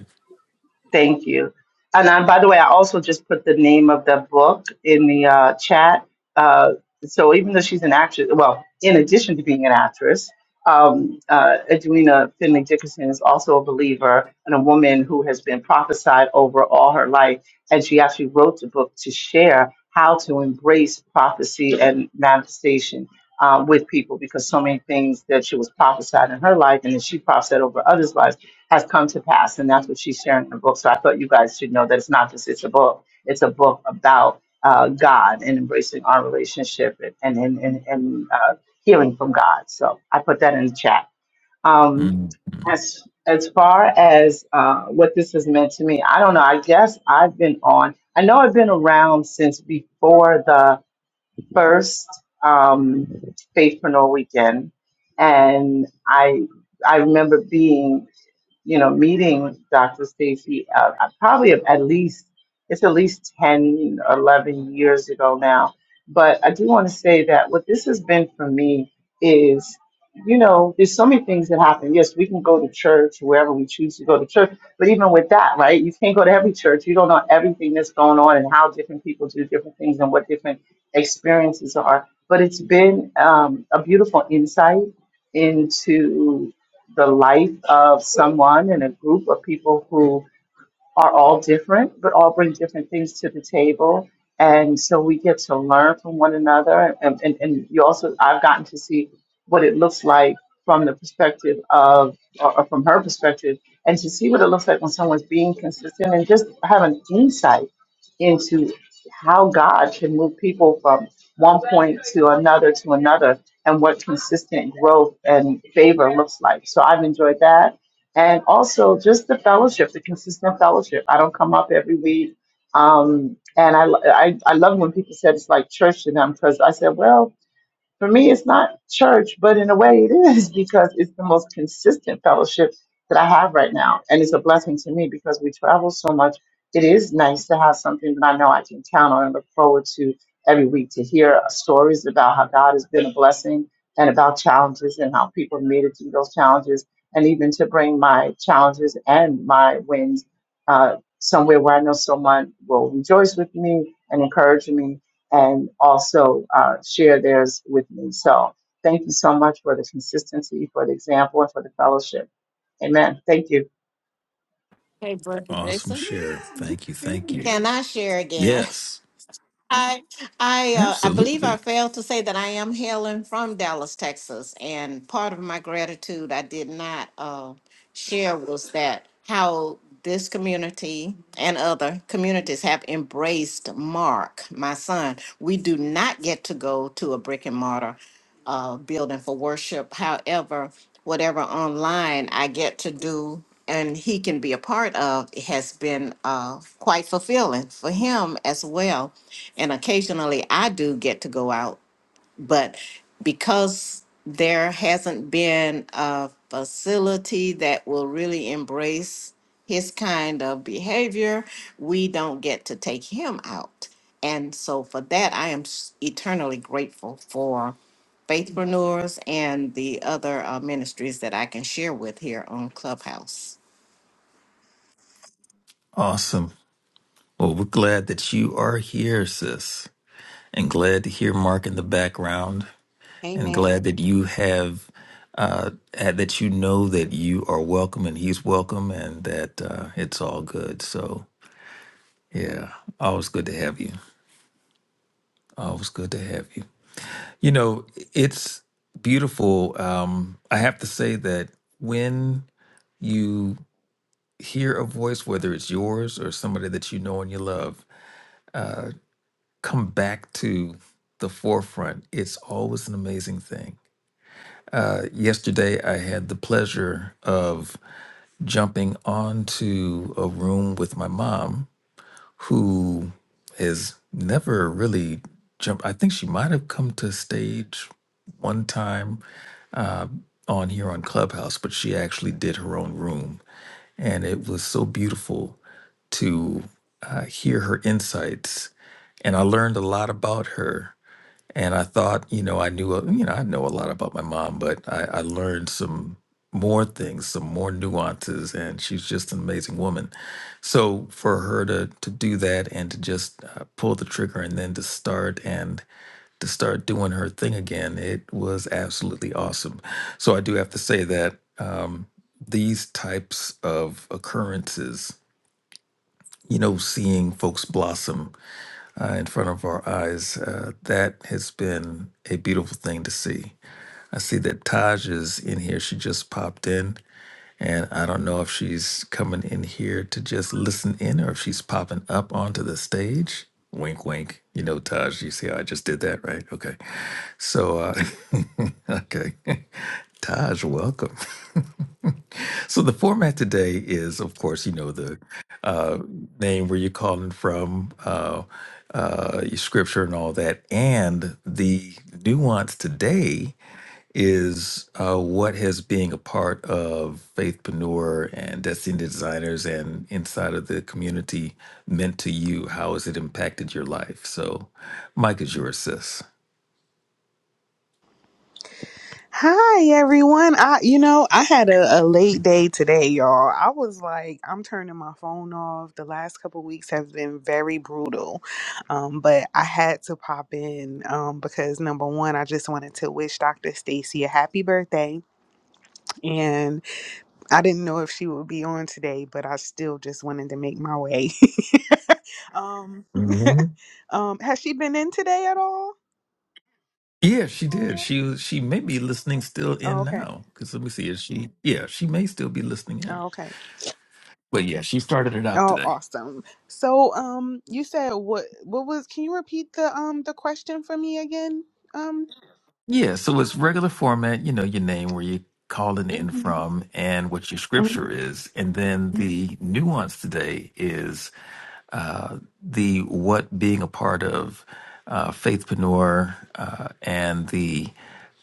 Speaker 13: Thank you. And I, by the way, I also just put the name of the book in the uh, chat. Uh, so even though she's an actress, well, in addition to being an actress, um, uh, Edwina Finley Dickinson is also a believer and a woman who has been prophesied over all her life. And she actually wrote the book to share how to embrace prophecy and manifestation uh, with people because so many things that she was prophesied in her life and that she prophesied over others' lives has come to pass, and that's what she's sharing in the book. So I thought you guys should know that it's not just it's a book; it's a book about uh, God and embracing our relationship and and and, and uh, healing from God. So I put that in the chat. Um,
Speaker 3: Mhm.
Speaker 13: as as far as uh, what this has meant to me, I don't know. I guess I've been on. I know I've been around since before the first um, Faithpreneur weekend, and I I remember being you know, meeting Dr. Stacy, uh, uh, probably at least, it's at least 10, 11 years ago now. But I do want to say that what this has been for me is, you know, there's so many things that happen. Yes, we can go to church wherever we choose to go to church. But even with that, right, you can't go to every church. You don't know everything that's going on and how different people do different things and what different experiences are. But it's been um, a beautiful insight into the life of someone and a group of people who are all different, but all bring different things to the table. And so we get to learn from one another. And, and, and you also, I've gotten to see what it looks like from the perspective of, or, or from her perspective, and to see what it looks like when someone's being consistent and just have an insight into how God can move people from one point to another to another and what consistent growth and favor looks like. So I've enjoyed that and also just the fellowship, the consistent fellowship. I don't come up every week, um, and I, I I love when people said it's like church to them because I said, well, for me, it's not church, but in a way it is because it's the most consistent fellowship that I have right now. And it's a blessing to me because we travel so much. It is nice to have something that I know I can count on and look forward to every week to hear stories about how God has been a blessing and about challenges and how people made it through those challenges. And even to bring my challenges and my wins uh, somewhere where I know someone will rejoice with me and encourage me and also uh, share theirs with me. So thank you so much for the consistency, for the example, and for the fellowship. Amen. Thank you.
Speaker 8: Hey, Brother
Speaker 3: Awesome
Speaker 8: Jason.
Speaker 3: share. Thank you. Thank you.
Speaker 8: Can I share again?
Speaker 3: Yes,
Speaker 8: I I uh, I believe I
Speaker 3: absolutely.
Speaker 8: failed to say that I am hailing from Dallas, Texas, and part of my gratitude I did not uh, share was that how this community and other communities have embraced Mark, my son. We do not get to go to a brick and mortar uh, building for worship. However, whatever online I get to do and he can be a part of has been uh, quite fulfilling for him as well. And occasionally I do get to go out but because there hasn't been a facility that will really embrace his kind of behavior, we don't get to take him out. And so for that, I am s- eternally grateful for Faithpreneurs and the other uh, ministries that I can share with here on Clubhouse.
Speaker 3: Awesome. Well, we're glad that you are here, sis, and glad to hear Mark in the background, and
Speaker 4: Amen.
Speaker 3: glad that you have. Uh, and that you know that you are welcome and he's welcome and that uh, it's all good. So, yeah, always good to have you. Always good to have you. You know, it's beautiful. Um, I have to say that when you hear a voice, whether it's yours or somebody that you know and you love, come back to the forefront, it's always an amazing thing. Uh, yesterday, I had the pleasure of jumping onto a room with my mom, who has never really jumped. I think she might have come to stage one time on here on Clubhouse, but she actually did her own room. And it was so beautiful to uh, hear her insights. And I learned a lot about her and I thought, you know, I knew, a- you know, I know a lot about my mom, but I, I learned some more things, some more nuances, and she's just an amazing woman. So for her to to do that and to just uh, pull the trigger and then to start and to start doing her thing again, it was absolutely awesome. So I do have to say that um, these types of occurrences, you know, seeing folks blossom uh, in front of our eyes. Uh, that has been a beautiful thing to see. I see that Taj is in here. She just popped in, and I don't know if she's coming in here to just listen in or if she's popping up onto the stage. Wink, wink. You know, Taj, you see how I just did that, right? Okay. So, uh, okay. Taj, welcome. so, the format today is, of course, you know, the uh, name where you're calling from, uh, uh, your scripture, and all that. And the nuance today is uh, what has being a part of Faithpreneur and Destiny Designers and inside of the community meant to you? How has it impacted your life? So, Mike is your sis.
Speaker 15: Hi everyone. I you know, I had a, a late day today, y'all. I was like, I'm turning my phone off. The last couple weeks have been very brutal. Um, but I had to pop in um because number one, I just wanted to wish Dr. Stacy a happy birthday. And I didn't know if she would be on today, but I still just wanted to make my way. um,
Speaker 3: hmm
Speaker 15: um, has she been in today at all?
Speaker 3: Yeah, she did. She was- she may be listening still
Speaker 15: Oh,
Speaker 3: in
Speaker 15: okay.
Speaker 3: now. Because let me see, is she? Yeah, she may still be listening in.
Speaker 15: Oh, Okay.
Speaker 3: But yeah, she started it out
Speaker 15: Oh,
Speaker 3: today.
Speaker 15: awesome. So, um, you said what? What was? Can you repeat the um the question for me again? Um.
Speaker 3: Yeah, so it's regular format, you know, your name, where you're calling in
Speaker 15: Mhm.
Speaker 3: from, and what your scripture is. And then the nuance today is uh, the what being a part of uh, Faithpreneur uh, and the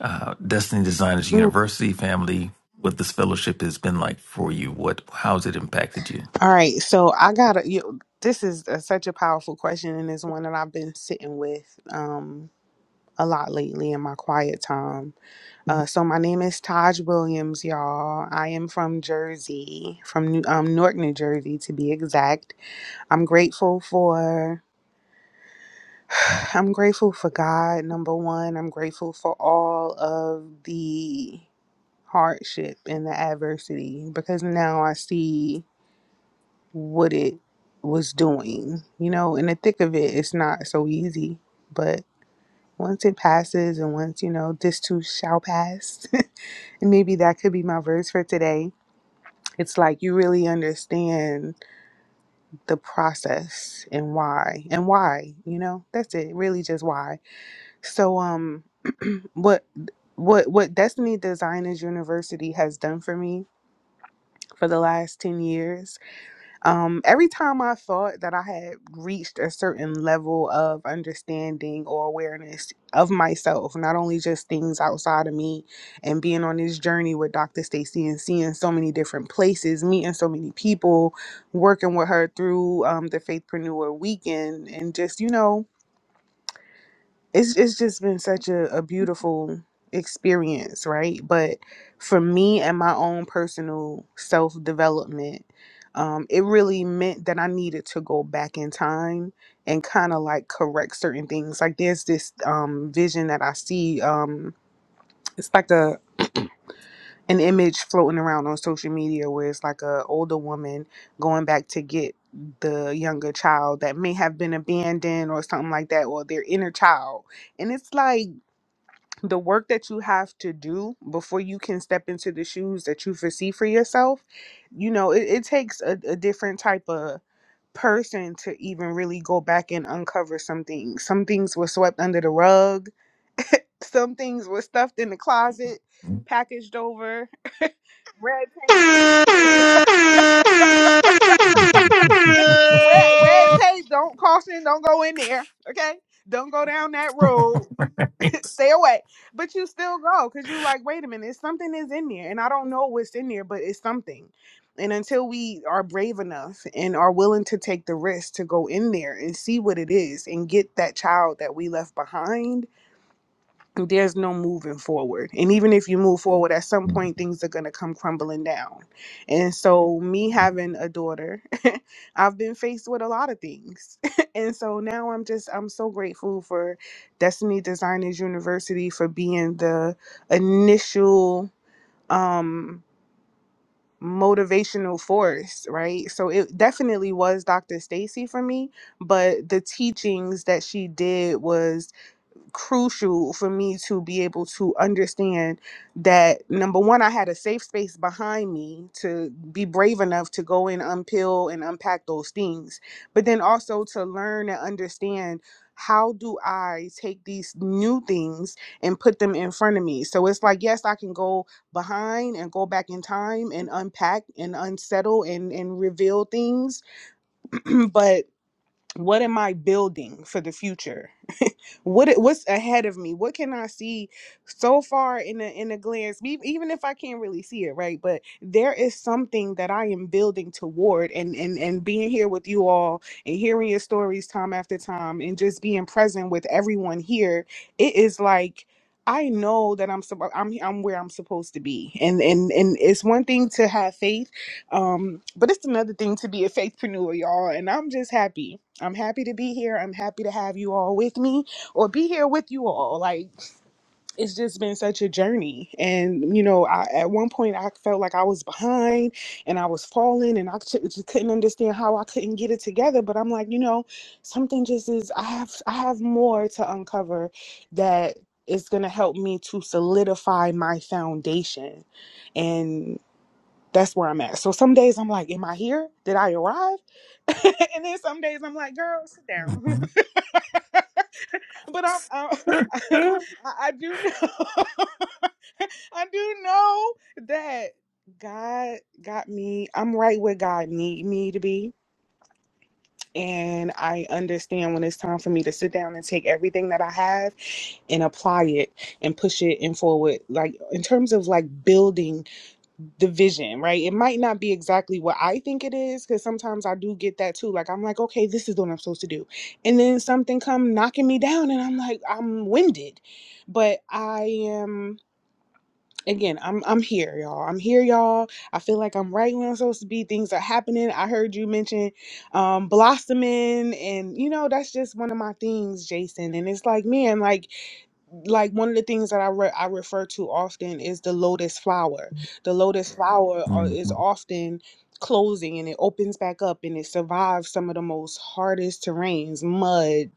Speaker 3: uh, Destiny Designers
Speaker 15: Mhm. All
Speaker 3: University family, what this fellowship has been like for you. What, how's it impacted you?
Speaker 15: right. So I gotta. You, this is a, such a powerful question, and it's one that I've been sitting with um a lot lately in my quiet time. Uh, so my name is Taj Williams, y'all. I am from Jersey, from New, um Newark, New Jersey, to be exact. I'm grateful for. I'm grateful for God, number one. I'm grateful for all of the hardship and the adversity because now I see what it was doing. You know, in the thick of it, it's not so easy. But once it passes, and once, you know, this too shall pass, and maybe that could be my verse for today. It's like you really understand the process and why, and why, you know, that's it, really just why. So, um, what what what destiny designers university has done for me for the last 10 years um every time i thought that i had reached a certain level of understanding or awareness of myself not only just things outside of me and being on this journey with dr stacy and seeing so many different places meeting so many people working with her through um, the faithpreneur weekend and just you know it's it's just been such a, a beautiful experience, right? But for me and my own personal self development, um, it really meant that I needed to go back in time and kind of like correct certain things. Like there's this um vision that I see. Um, it's like a an image floating around on social media where it's like a older woman going back to get the younger child that may have been abandoned or something like that or their inner child and it's like the work that you have to do before you can step into the shoes that you foresee for yourself, you know, it, it takes a, a different type of person to even really go back and uncover some things. Some things were swept under the rug, some things were stuffed in the closet, packaged over, red tape. Red red tape, don't caution, don't go in there. Okay? Don't go down that road. stay away. But you still go because you like, wait a minute, something is in there. And I don't know what's in there, but it's something. And until we are brave enough and are willing to take the risk to go in there and see what it is and get that child that we left behind there's no moving forward. And even if you move forward, at some point things are going to come crumbling down. And so, me having a daughter, I've been faced with a lot of things. and so now I'm just, I'm so grateful for Destiny Designers University for being the initial, um, motivational force right so it definitely was dr stacy for me but the teachings that she did was crucial for me to be able to understand that number one i had a safe space behind me to be brave enough to go and unpeel and unpack those things but then also to learn and understand how do i take these new things and put them in front of me so it's like yes i can go behind and go back in time and unpack and unsettle and and reveal things but what am i building for the future what it- what's ahead of me what can i see so far in a in a glance me- even if i can't really see it right but there is something that i am building toward and and and being here with you all and hearing your stories time after time and just being present with everyone here it is like I know that I'm sup- I'm I'm where I'm supposed to be, and and and it's one thing to have faith, um, but it's another thing to be a faithpreneur, y'all. And I'm just happy I'm happy to be here. I'm happy to have you all with me or be here with you all. Like, it's just been such a journey. And, you know, I, at one point I felt like I was behind and I was falling and I c- just couldn't understand how I couldn't get it together. But I'm like, you know, something just is, I have, I have more to uncover that is going to help me to solidify my foundation. And that's where I'm at. So some days I'm like, am I here? Did I arrive? and then some days I'm like, girl, sit down.
Speaker 3: Mhm,
Speaker 15: but I'm, I'm I, I do know I do know that God got me. I'm right where God need me to be. And I understand when it's time for me to sit down and take everything that I have and apply it and push it and forward. Like in terms of like building the vision, right? It might not be exactly what I think it is, because sometimes I do get that too. Like I'm like, okay, this is what I'm supposed to do, and then something come knocking me down, and I'm like, I'm winded, but I am. Again, I'm I'm here, y'all. I'm here, y'all. I feel like I'm right where I'm supposed to be. Things are happening. I heard you mention um, blossoming, and you know that's just one of my things, Jason. And it's like, man, like like one of the things that I re- I refer to often is the lotus flower. The lotus flower are, is
Speaker 3: mhm.
Speaker 15: often closing and it opens back up and it survives some of the most hardest terrains, mud,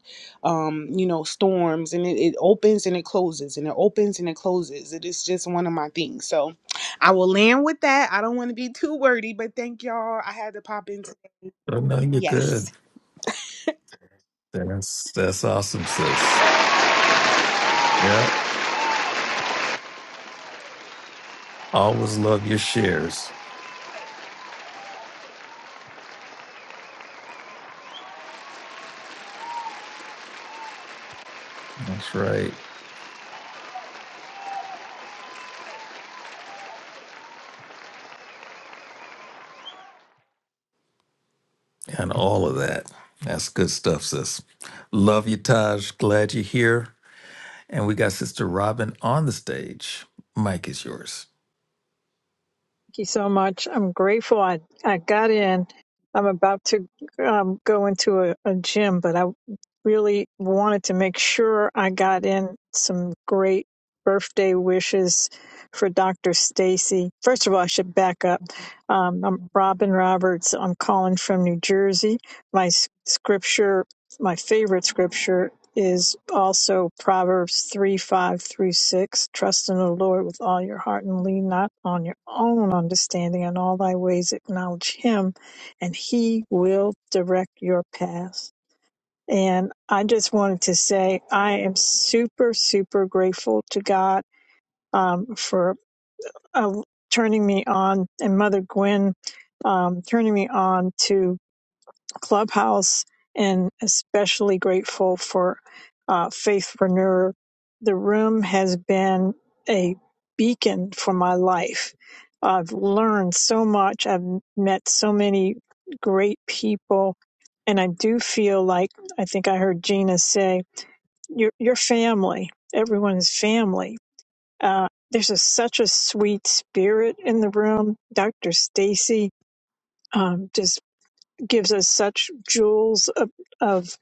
Speaker 15: um, you know, storms, and it, it opens and it closes and it opens and it closes. It is just one of my things. So I will land with that. I don't want to be too wordy, but thank y'all. I had to pop into
Speaker 3: Oh, no, you're
Speaker 15: yes.
Speaker 3: good. That's, that's awesome, sis. Yeah. Always love your shares. That's right. And all of that. That's good stuff, sis. Love you, Taj. Glad you're here. And we got Sister Robin on the stage. Mike is yours.
Speaker 16: Thank you so much. I'm grateful I, I got in. I'm about to um, go into a, a gym, but I really wanted to make sure I got
Speaker 3: Mhm.
Speaker 16: in some great birthday wishes for Dr. Stacy. First of all, I should back up. Um, I'm
Speaker 3: Mhm.
Speaker 16: Robin Roberts. I'm calling from New Jersey. My s- scripture, my favorite scripture is also Proverbs 3 5 through 6. Trust in the Lord with all your heart and lean not on your own understanding. In all thy ways acknowledge him, and he will direct your path. And I just wanted to say I am super, super grateful to God um, for uh, turning me on and Mother Gwen um, turning me on Clubhouse, and especially grateful for uh, Faithpreneur. The room has been a beacon for my life. I've learned so much. I've met so many great people, and I do feel like I think I heard Gina say, "Your your family, everyone is family." Uh, there's a, such a sweet spirit in the room. Dr. Stacy um, just gives us such jewels of, of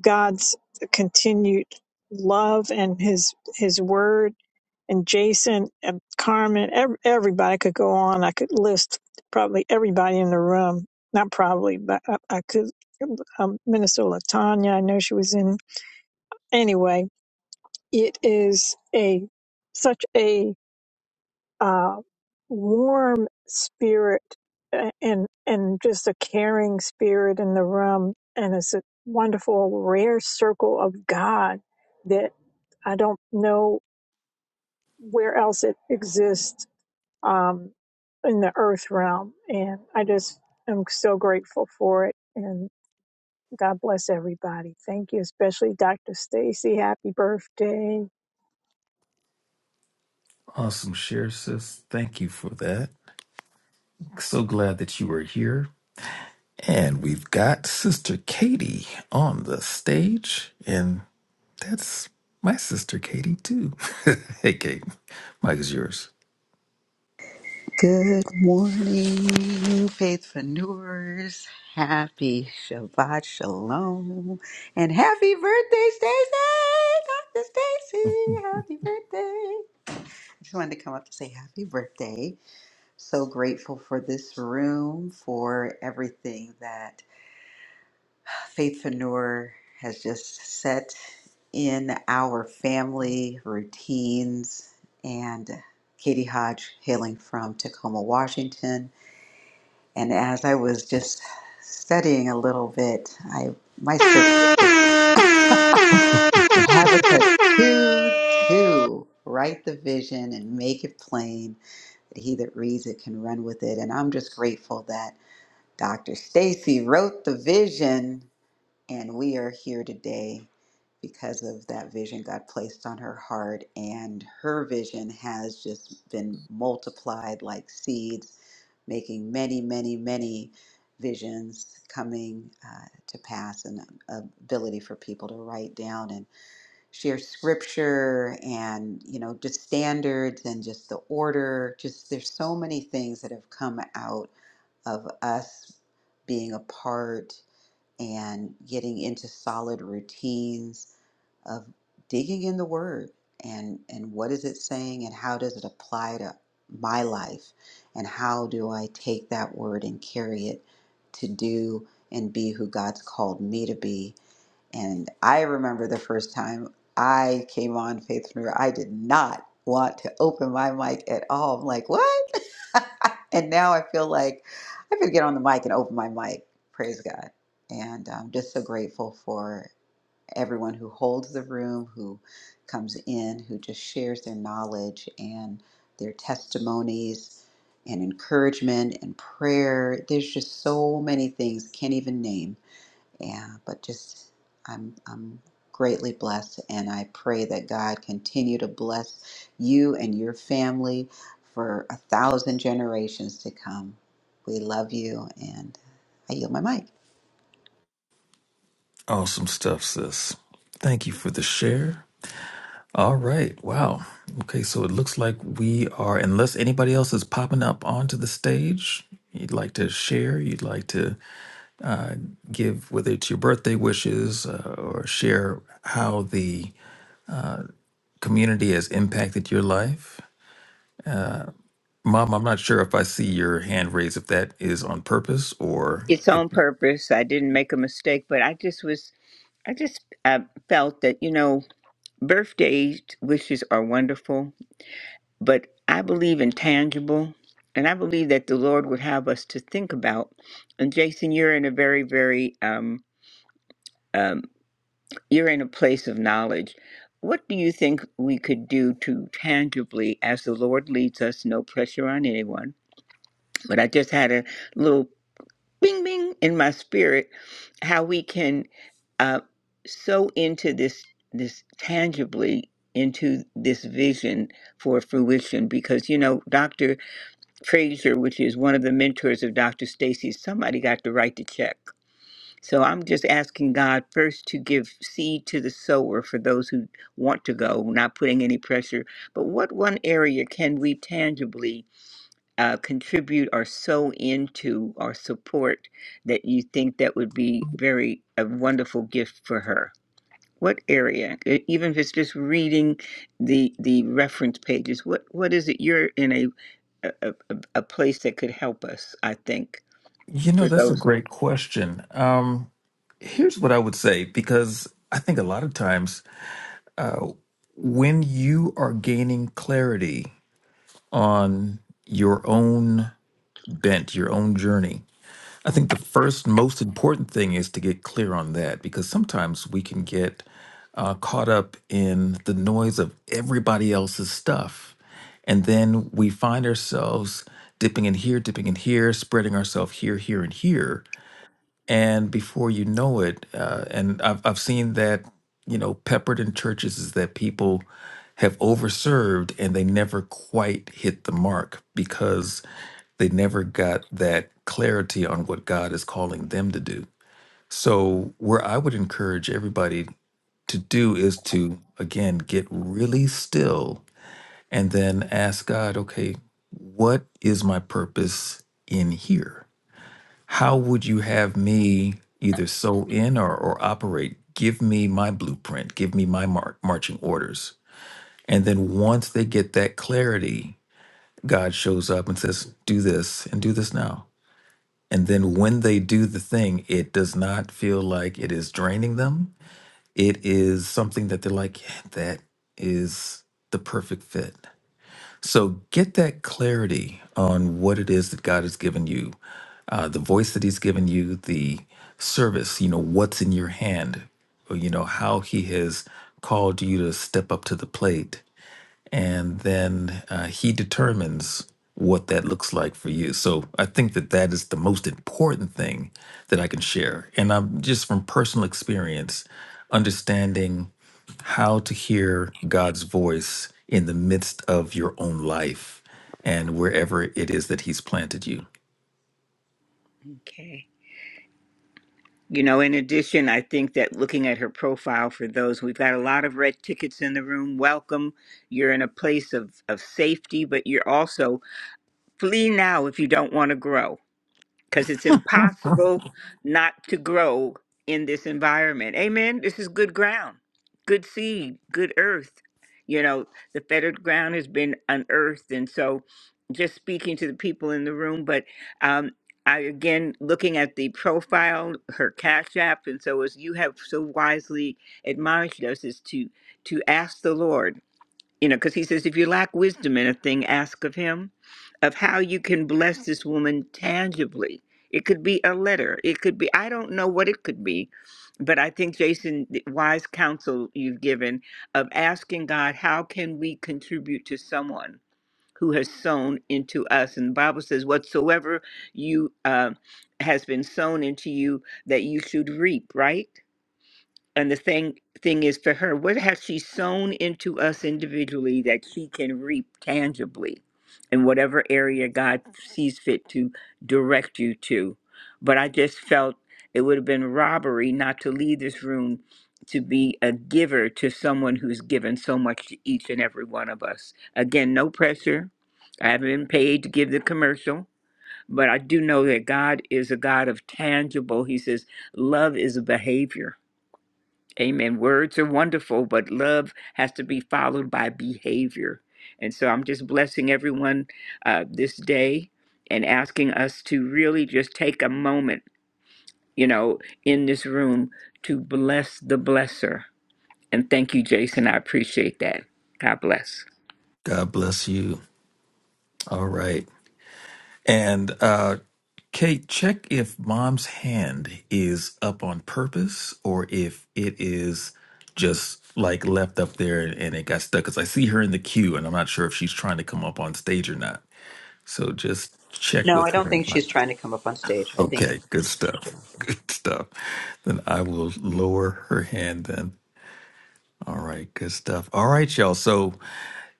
Speaker 16: God's continued love and his his word and Jason and Carmen ev- everybody could go on I could list probably everybody in the room not probably but I, I could um, Minister Latanya I know she was in anyway it is a such a uh, warm spirit a- and and just a caring spirit in the room and it's a wonderful rare circle of god that i don't know where else it exists um in the earth realm and i just am so grateful for it God bless everybody. Thank you, especially Dr. Stacy. Happy birthday.
Speaker 3: Awesome share, sis. Thank you for that. So glad that you were here. And we've got Sister Katie on the stage, and that's my sister Katie too. hey, Kate, Mike is yours.
Speaker 17: Good morning, faithpreneurs. Happy Shabbat Shalom. And happy birthday, Stacy! Dr. Stacy, happy birthday. I just wanted to come up to say happy birthday. So grateful for this room, for everything that Faithpreneur has just set in our family routines. And Katie Hodge, hailing from Tacoma, Washington. And as I was just studying a little bit, I my scripture is just Habakkuk 2 2. Write the vision and make it plain that he that reads it can run with it. And I'm just grateful that Dr. Stacy wrote the vision and we are here today because of that vision God placed on her heart. And her vision has just been multiplied like seeds, making many, many, many visions coming uh, to pass and ability for people to write down and share scripture and you know just standards and just the order just there's so many things that have come out of us being a part and getting into solid routines of digging in the word and and what is it saying and how does it apply to my life and how do I take that word and carry it to do and be who God's called me to be and I remember the first time I came on Faith Faithpreneur, I did not want to open my mic at all. I'm like, what? and now I feel like I could get on the mic and open my mic. Praise God. And I'm just so grateful for everyone who holds the room, who comes in, who just shares their knowledge and their testimonies and encouragement and prayer. There's just so many things can't even name yeah but just i'm i'm greatly blessed and i pray that god continue to bless you and your family for a thousand generations to come we love you and i yield my mic
Speaker 3: Awesome stuff, sis. Thank you for the share. All right, wow. Okay, so it looks like we are, unless anybody else is popping up onto the stage, you'd like to share, you'd like to uh, give, whether it's your birthday wishes uh, or share how the community has impacted your life Mom, I'm not sure if I see your hand raised, if that is on purpose or
Speaker 11: It's
Speaker 3: if
Speaker 11: on purpose. I didn't make a mistake, but I just was, I just uh, felt that, you know, birthday wishes are wonderful But I believe in tangible, and I believe that the Lord would have us to think about. And Jason, you're in a very, very, um, um, you're in a place of knowledge. What do you think we could do to tangibly, as the Lord leads us, no pressure on anyone? But I just had a little bing bing in my spirit how we can uh, so into this this tangibly into this vision for fruition because you know dr Frazier, which is one of the mentors of Dr. Stacy, somebody got to write the check. So I'm just asking God first to give seed to the sower for those who want to go, not putting any pressure. But what one area can we tangibly uh, contribute or sow into or support that you think that would be very a wonderful gift for her? What area, E- even if it's just reading the the reference pages, what what is it you're in a a, a, a place that could help us, I think,
Speaker 3: you know,
Speaker 11: for
Speaker 3: that's a
Speaker 11: those.
Speaker 3: great question. Um, here's what I would say, because I think a lot of times uh, when you are gaining clarity on your own bent, your own journey, I think the first most important thing is to get clear on that because sometimes we can get uh, caught up in the noise of everybody else's stuff. And then we find ourselves dipping in here, dipping in here, spreading ourselves here, here, and here and before you know it uh, and I've, I've seen that you know peppered in churches is that people have overserved and they never quite hit the mark because they never got that clarity on what god is calling them to do so where i would encourage everybody to do is to again get really still and then ask god okay what is my purpose in here how would you have me either sew in or, or operate? Give me my blueprint, give me my mar- marching orders. And then once they get that clarity, God shows up and says, Do this and do this now. And then when they do the thing, it does not feel like it is draining them. It is something that they're like, yeah, That is the perfect fit. So get that clarity on what it is that God has given you, uh, the voice that He's given you, the service, you know, what's in your hand, or, you know, how He has called you to step up to the plate and then uh, he determines what that looks like for you. So I think that that is the most important thing that I can share. And I'm just from personal experience, understanding how to hear God's voice in the midst of your own life and wherever it is that He's planted you.
Speaker 11: Okay. You know, in addition, I think that looking at her profile for those, we've got a lot of red tickets in the room. Welcome. You're in a place of, of safety, but you're also flee now if you don't want to grow because it's impossible not to grow in this environment. Amen. This is good ground, good seed, good earth. You know, the fettered ground has been unearthed. And so, just speaking to the people in the room, but um, I again looking at the profile, her cash app, and so as you have so wisely admonished us, is to to ask the Lord you know, because he says, if you lack wisdom in a thing, ask of him, of how you can bless this woman tangibly. It could be a letter. It could be, I don't know what it could be, but I think, Jason, the wise counsel you've given of asking God, how can we contribute to someone who has sown into us? And the Bible says, whatsoever you uh, has been sown into you, that you should reap, right? and the thing thing is for her what has she sown into us individually that she can reap tangibly in whatever area god sees fit to direct you to but i just felt it would have been robbery not to leave this room to be a giver to someone who's given so much to each and every one of us again no pressure i haven't been paid to give the commercial but i do know that god is a god of tangible he says love is a behavior Amen. Words are wonderful, but love has to be followed by behavior. And so I'm just blessing everyone uh, this day and asking us to really just take a moment, you know, in this room to bless the blesser. And thank you, Jason. I appreciate that. God bless.
Speaker 3: God bless you. All right. And uh Kate, check if mom's hand is up on purpose or if it is just like left up there and it got stuck. Cause I see her in the queue and I'm not sure if she's trying to come up on stage or not. So just check
Speaker 17: No,
Speaker 3: with
Speaker 17: I don't
Speaker 3: her.
Speaker 17: think she's trying to come up on stage. I think
Speaker 3: Okay, good
Speaker 17: it's
Speaker 3: stuff. Good stuff. Then I will lower her hand then. All right, good stuff. All right, y'all. So,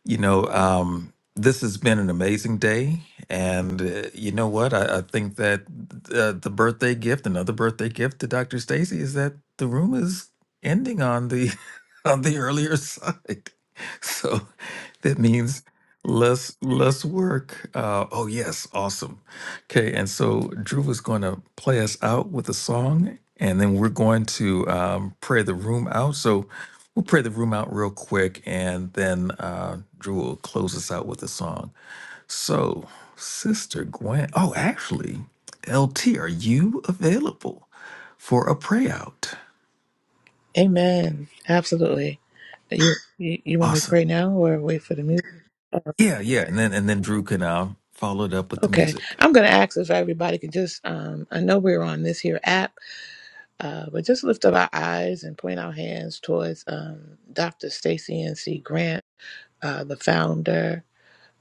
Speaker 3: you know, um, this has been an amazing day. And uh, you know what? I, I think that uh, the birthday gift, another birthday gift to Dr. Stacy is that the room is ending on the on the earlier side. So that means less less work. Uh, oh yes, awesome. Okay, and so Drew is going to play us out with a song, and then we're going to um, pray the room out. So we'll pray the room out real quick, and then uh, Drew will close us out with a song. So, Sister Gwen, oh, actually, LT, are you available for a pray out?
Speaker 9: Amen. Absolutely. You, you, you want me to
Speaker 3: Awesome.
Speaker 9: pray now or wait for the music?
Speaker 3: Yeah, yeah, and then and then Drew can uh, follow it up with the
Speaker 9: Okay.
Speaker 3: music.
Speaker 9: I'm going to ask if everybody can just, um, I know we're on this here app, uh, but just lift up our eyes and point our hands towards um, Dr. Stacy N.C. Grant, uh, the founder,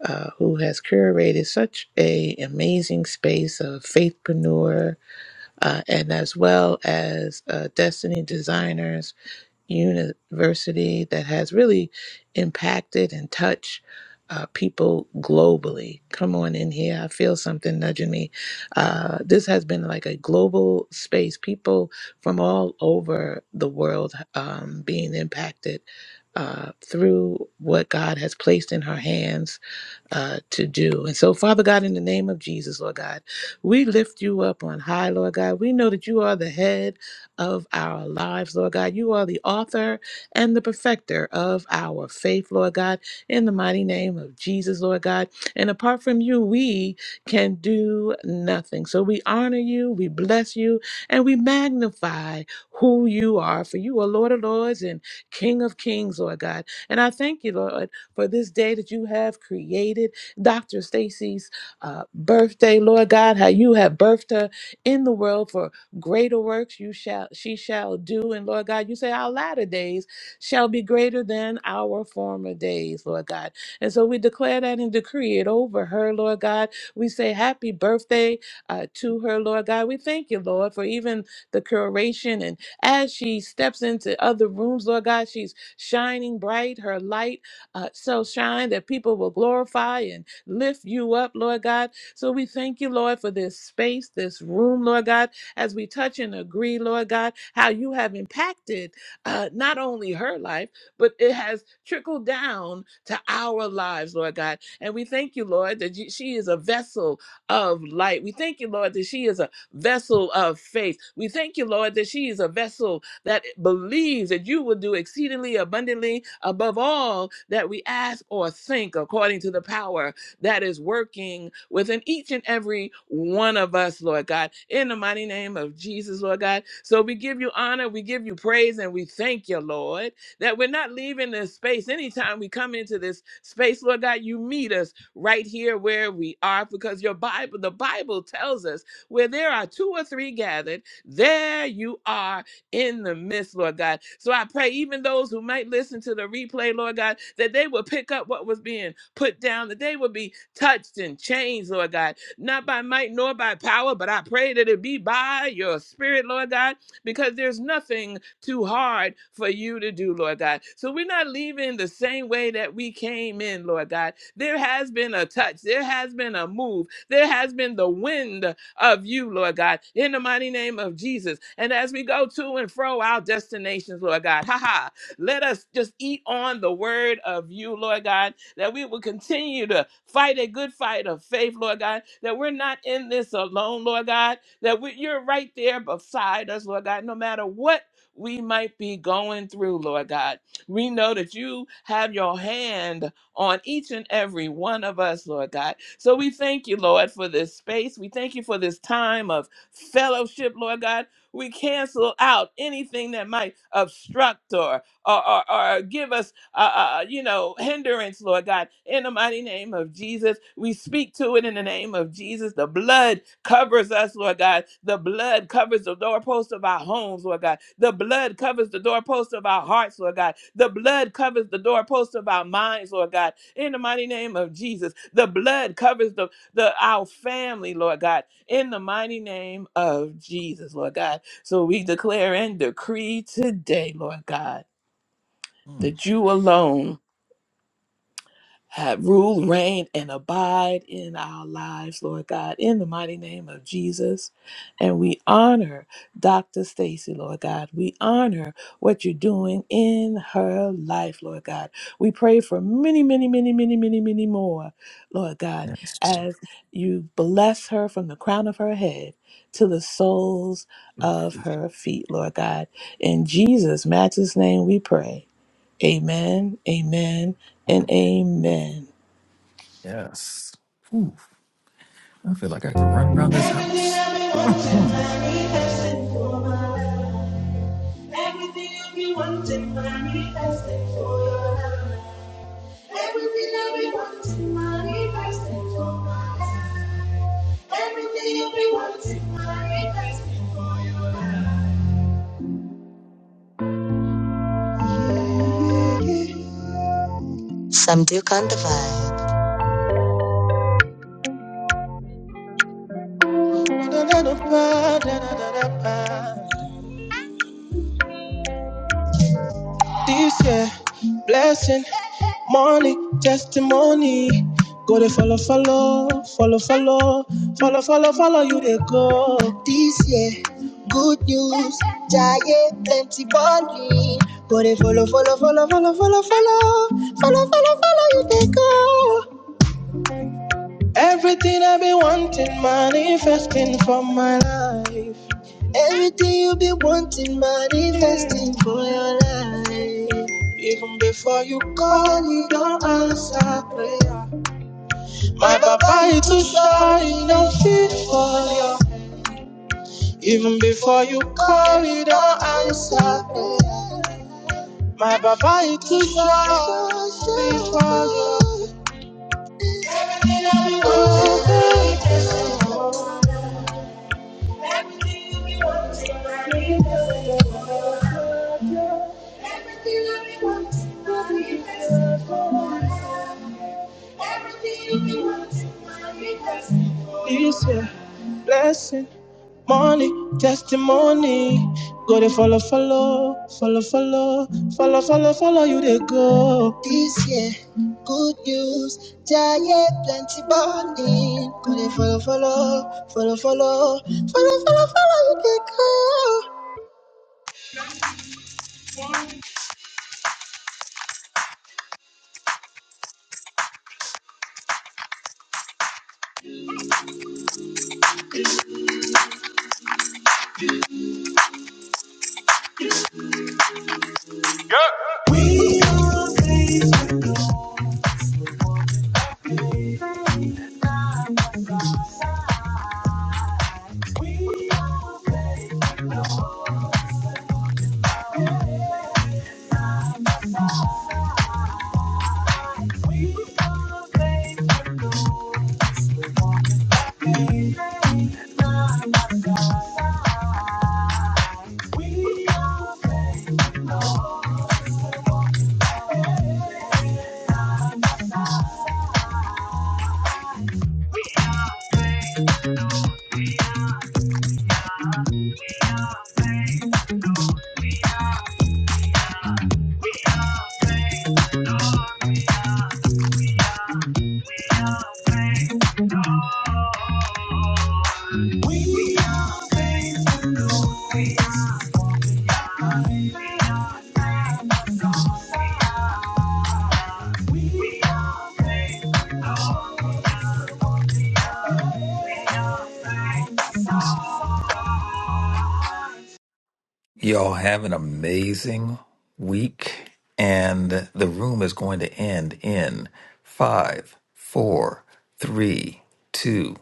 Speaker 9: uh, who has curated such a amazing space of faithpreneur uh, and as well as uh, destiny designers university that has really impacted and touched uh, people globally. Come on in here. I feel something nudging me. Uh, this has been like a global space, people from all over the world um, being impacted uh, through what God has placed in her hands uh, to do. And so, Father God, in the name of Jesus, Lord God, we lift you up on high, Lord God. We know that you are the head of our lives, Lord God. You are the author and the perfecter of our faith, Lord God, in the mighty name of Jesus, Lord God. And apart from you, we can do nothing. So we honor you, we bless you, and we magnify who you are. For you are Lord of Lords and King of Kings, Lord God. And I thank you, Lord for this day that you have created. Dr. Stacy's uh, birthday, Lord God, how you have birthed her in the world for greater works you shall she shall do. And Lord God, you say our latter days shall be greater than our former days, Lord God. And so we declare that and decree it over her, Lord God. We say happy birthday uh, to her, Lord God. We thank you, Lord, for even the curation. And as she steps into other rooms, Lord God, she's shining bright, her light uh, so shine that people will glorify and lift you up, Lord God. So we thank you, Lord, for this space, this room, Lord God, as we touch and agree, Lord God, how you have impacted uh, not only her life, but it has trickled down to our lives, Lord God. And we thank you, Lord, that you, she is a vessel of light. We thank you, Lord, that she is a vessel of faith. We thank you, Lord, that she is a vessel that believes that you will do exceedingly abundantly above all that we ask or think according to the power that is working within each and every one of us, Lord God, in the mighty name of Jesus, Lord God. So we give you honor, we give you praise, and we thank you, Lord, that we're not leaving this space. Anytime we come into this space, Lord God, you meet us right here where we are because your Bible, the Bible tells us where there are two or three gathered, there you are in the midst, Lord God. So I pray, even those who might listen to the replay, Lord God, that they will pick up what was being put down, that they will be touched and changed, Lord God, not by might nor by power, but I pray that it be by your spirit, Lord God, because there's nothing too hard for you to do, Lord God. So we're not leaving the same way that we came in, Lord God. There has been a touch, there has been a move, there has been the wind of you, Lord God, in the mighty name of Jesus. And as we go to and fro our destinations, Lord God, ha ha, let us just eat on the word of you, Lord God, that we will continue to fight a good fight of faith, Lord God, that we're not in this alone, Lord God, that we, you're right there beside us, Lord God, no matter what we might be going through, Lord God. We know that you have your hand on each and every one of us, Lord God. So we thank you, Lord, for this space. We thank you for this time of fellowship, Lord God. We cancel out anything that might obstruct or or, or, or give us, uh, uh, uh, you know, hindrance, Lord God. In the mighty name of Jesus, we speak to it in the name of Jesus. The blood covers us, Lord God. The blood covers the doorpost of our homes, Lord God. The blood covers the doorpost of our hearts, Lord God. The blood covers the doorpost of our minds, Lord God. In the mighty name of Jesus, the blood covers the, the our family, Lord God. In the mighty name of Jesus, Lord God. So we declare and decree today, Lord God,
Speaker 3: Mm,
Speaker 9: that you alone have rule, reign, and abide in our lives, Lord God, in the mighty name of Jesus. And we honor Dr. Stacy, Lord God. We honor what you're doing in her life, Lord God. We pray for many, many, many, many, many, many more, Lord God,
Speaker 3: yes, Robert,
Speaker 9: as you bless her from the crown of her head to the soles
Speaker 3: your
Speaker 9: of
Speaker 3: feet.
Speaker 9: her feet, Lord God. In Jesus' matchless name we pray. Amen, amen, and
Speaker 3: Mm,
Speaker 9: amen.
Speaker 3: yes. I feel like I could run around this house.
Speaker 2: I've been wanting,
Speaker 3: Hmm.
Speaker 2: manifesting for my life. Everything I've been wanting, manifesting for your life. Everything I've been wanting, manifesting for my life. Everything I've been wanting, manifesting for your life. Some do kind of vibe. This year, blessing, money, testimony. Go they follow, follow, follow, follow, follow, follow, follow you they go. This yeah, good news, giant plenty money. Go they follow, follow, follow, follow, follow, follow, follow, follow, follow you they go. Everything I be wanting, manifesting for my life. Everything you've been wanting, manifesting for your life. Even before you call, he don't answer prayer. My papa is too shy, he don't fit for you. Even before you call, he don't answer prayer. My papa is too shy, he don't fit for you. Everything It's a blessing. Money, testimony. Go to follow, follow, follow, follow, follow, follow, follow you they go. This year, good news, giant plenty money. Go to follow, follow, follow, follow, follow, follow, follow you they go.
Speaker 3: Y'all have an amazing week, and the room is going to end in five, four, three, two.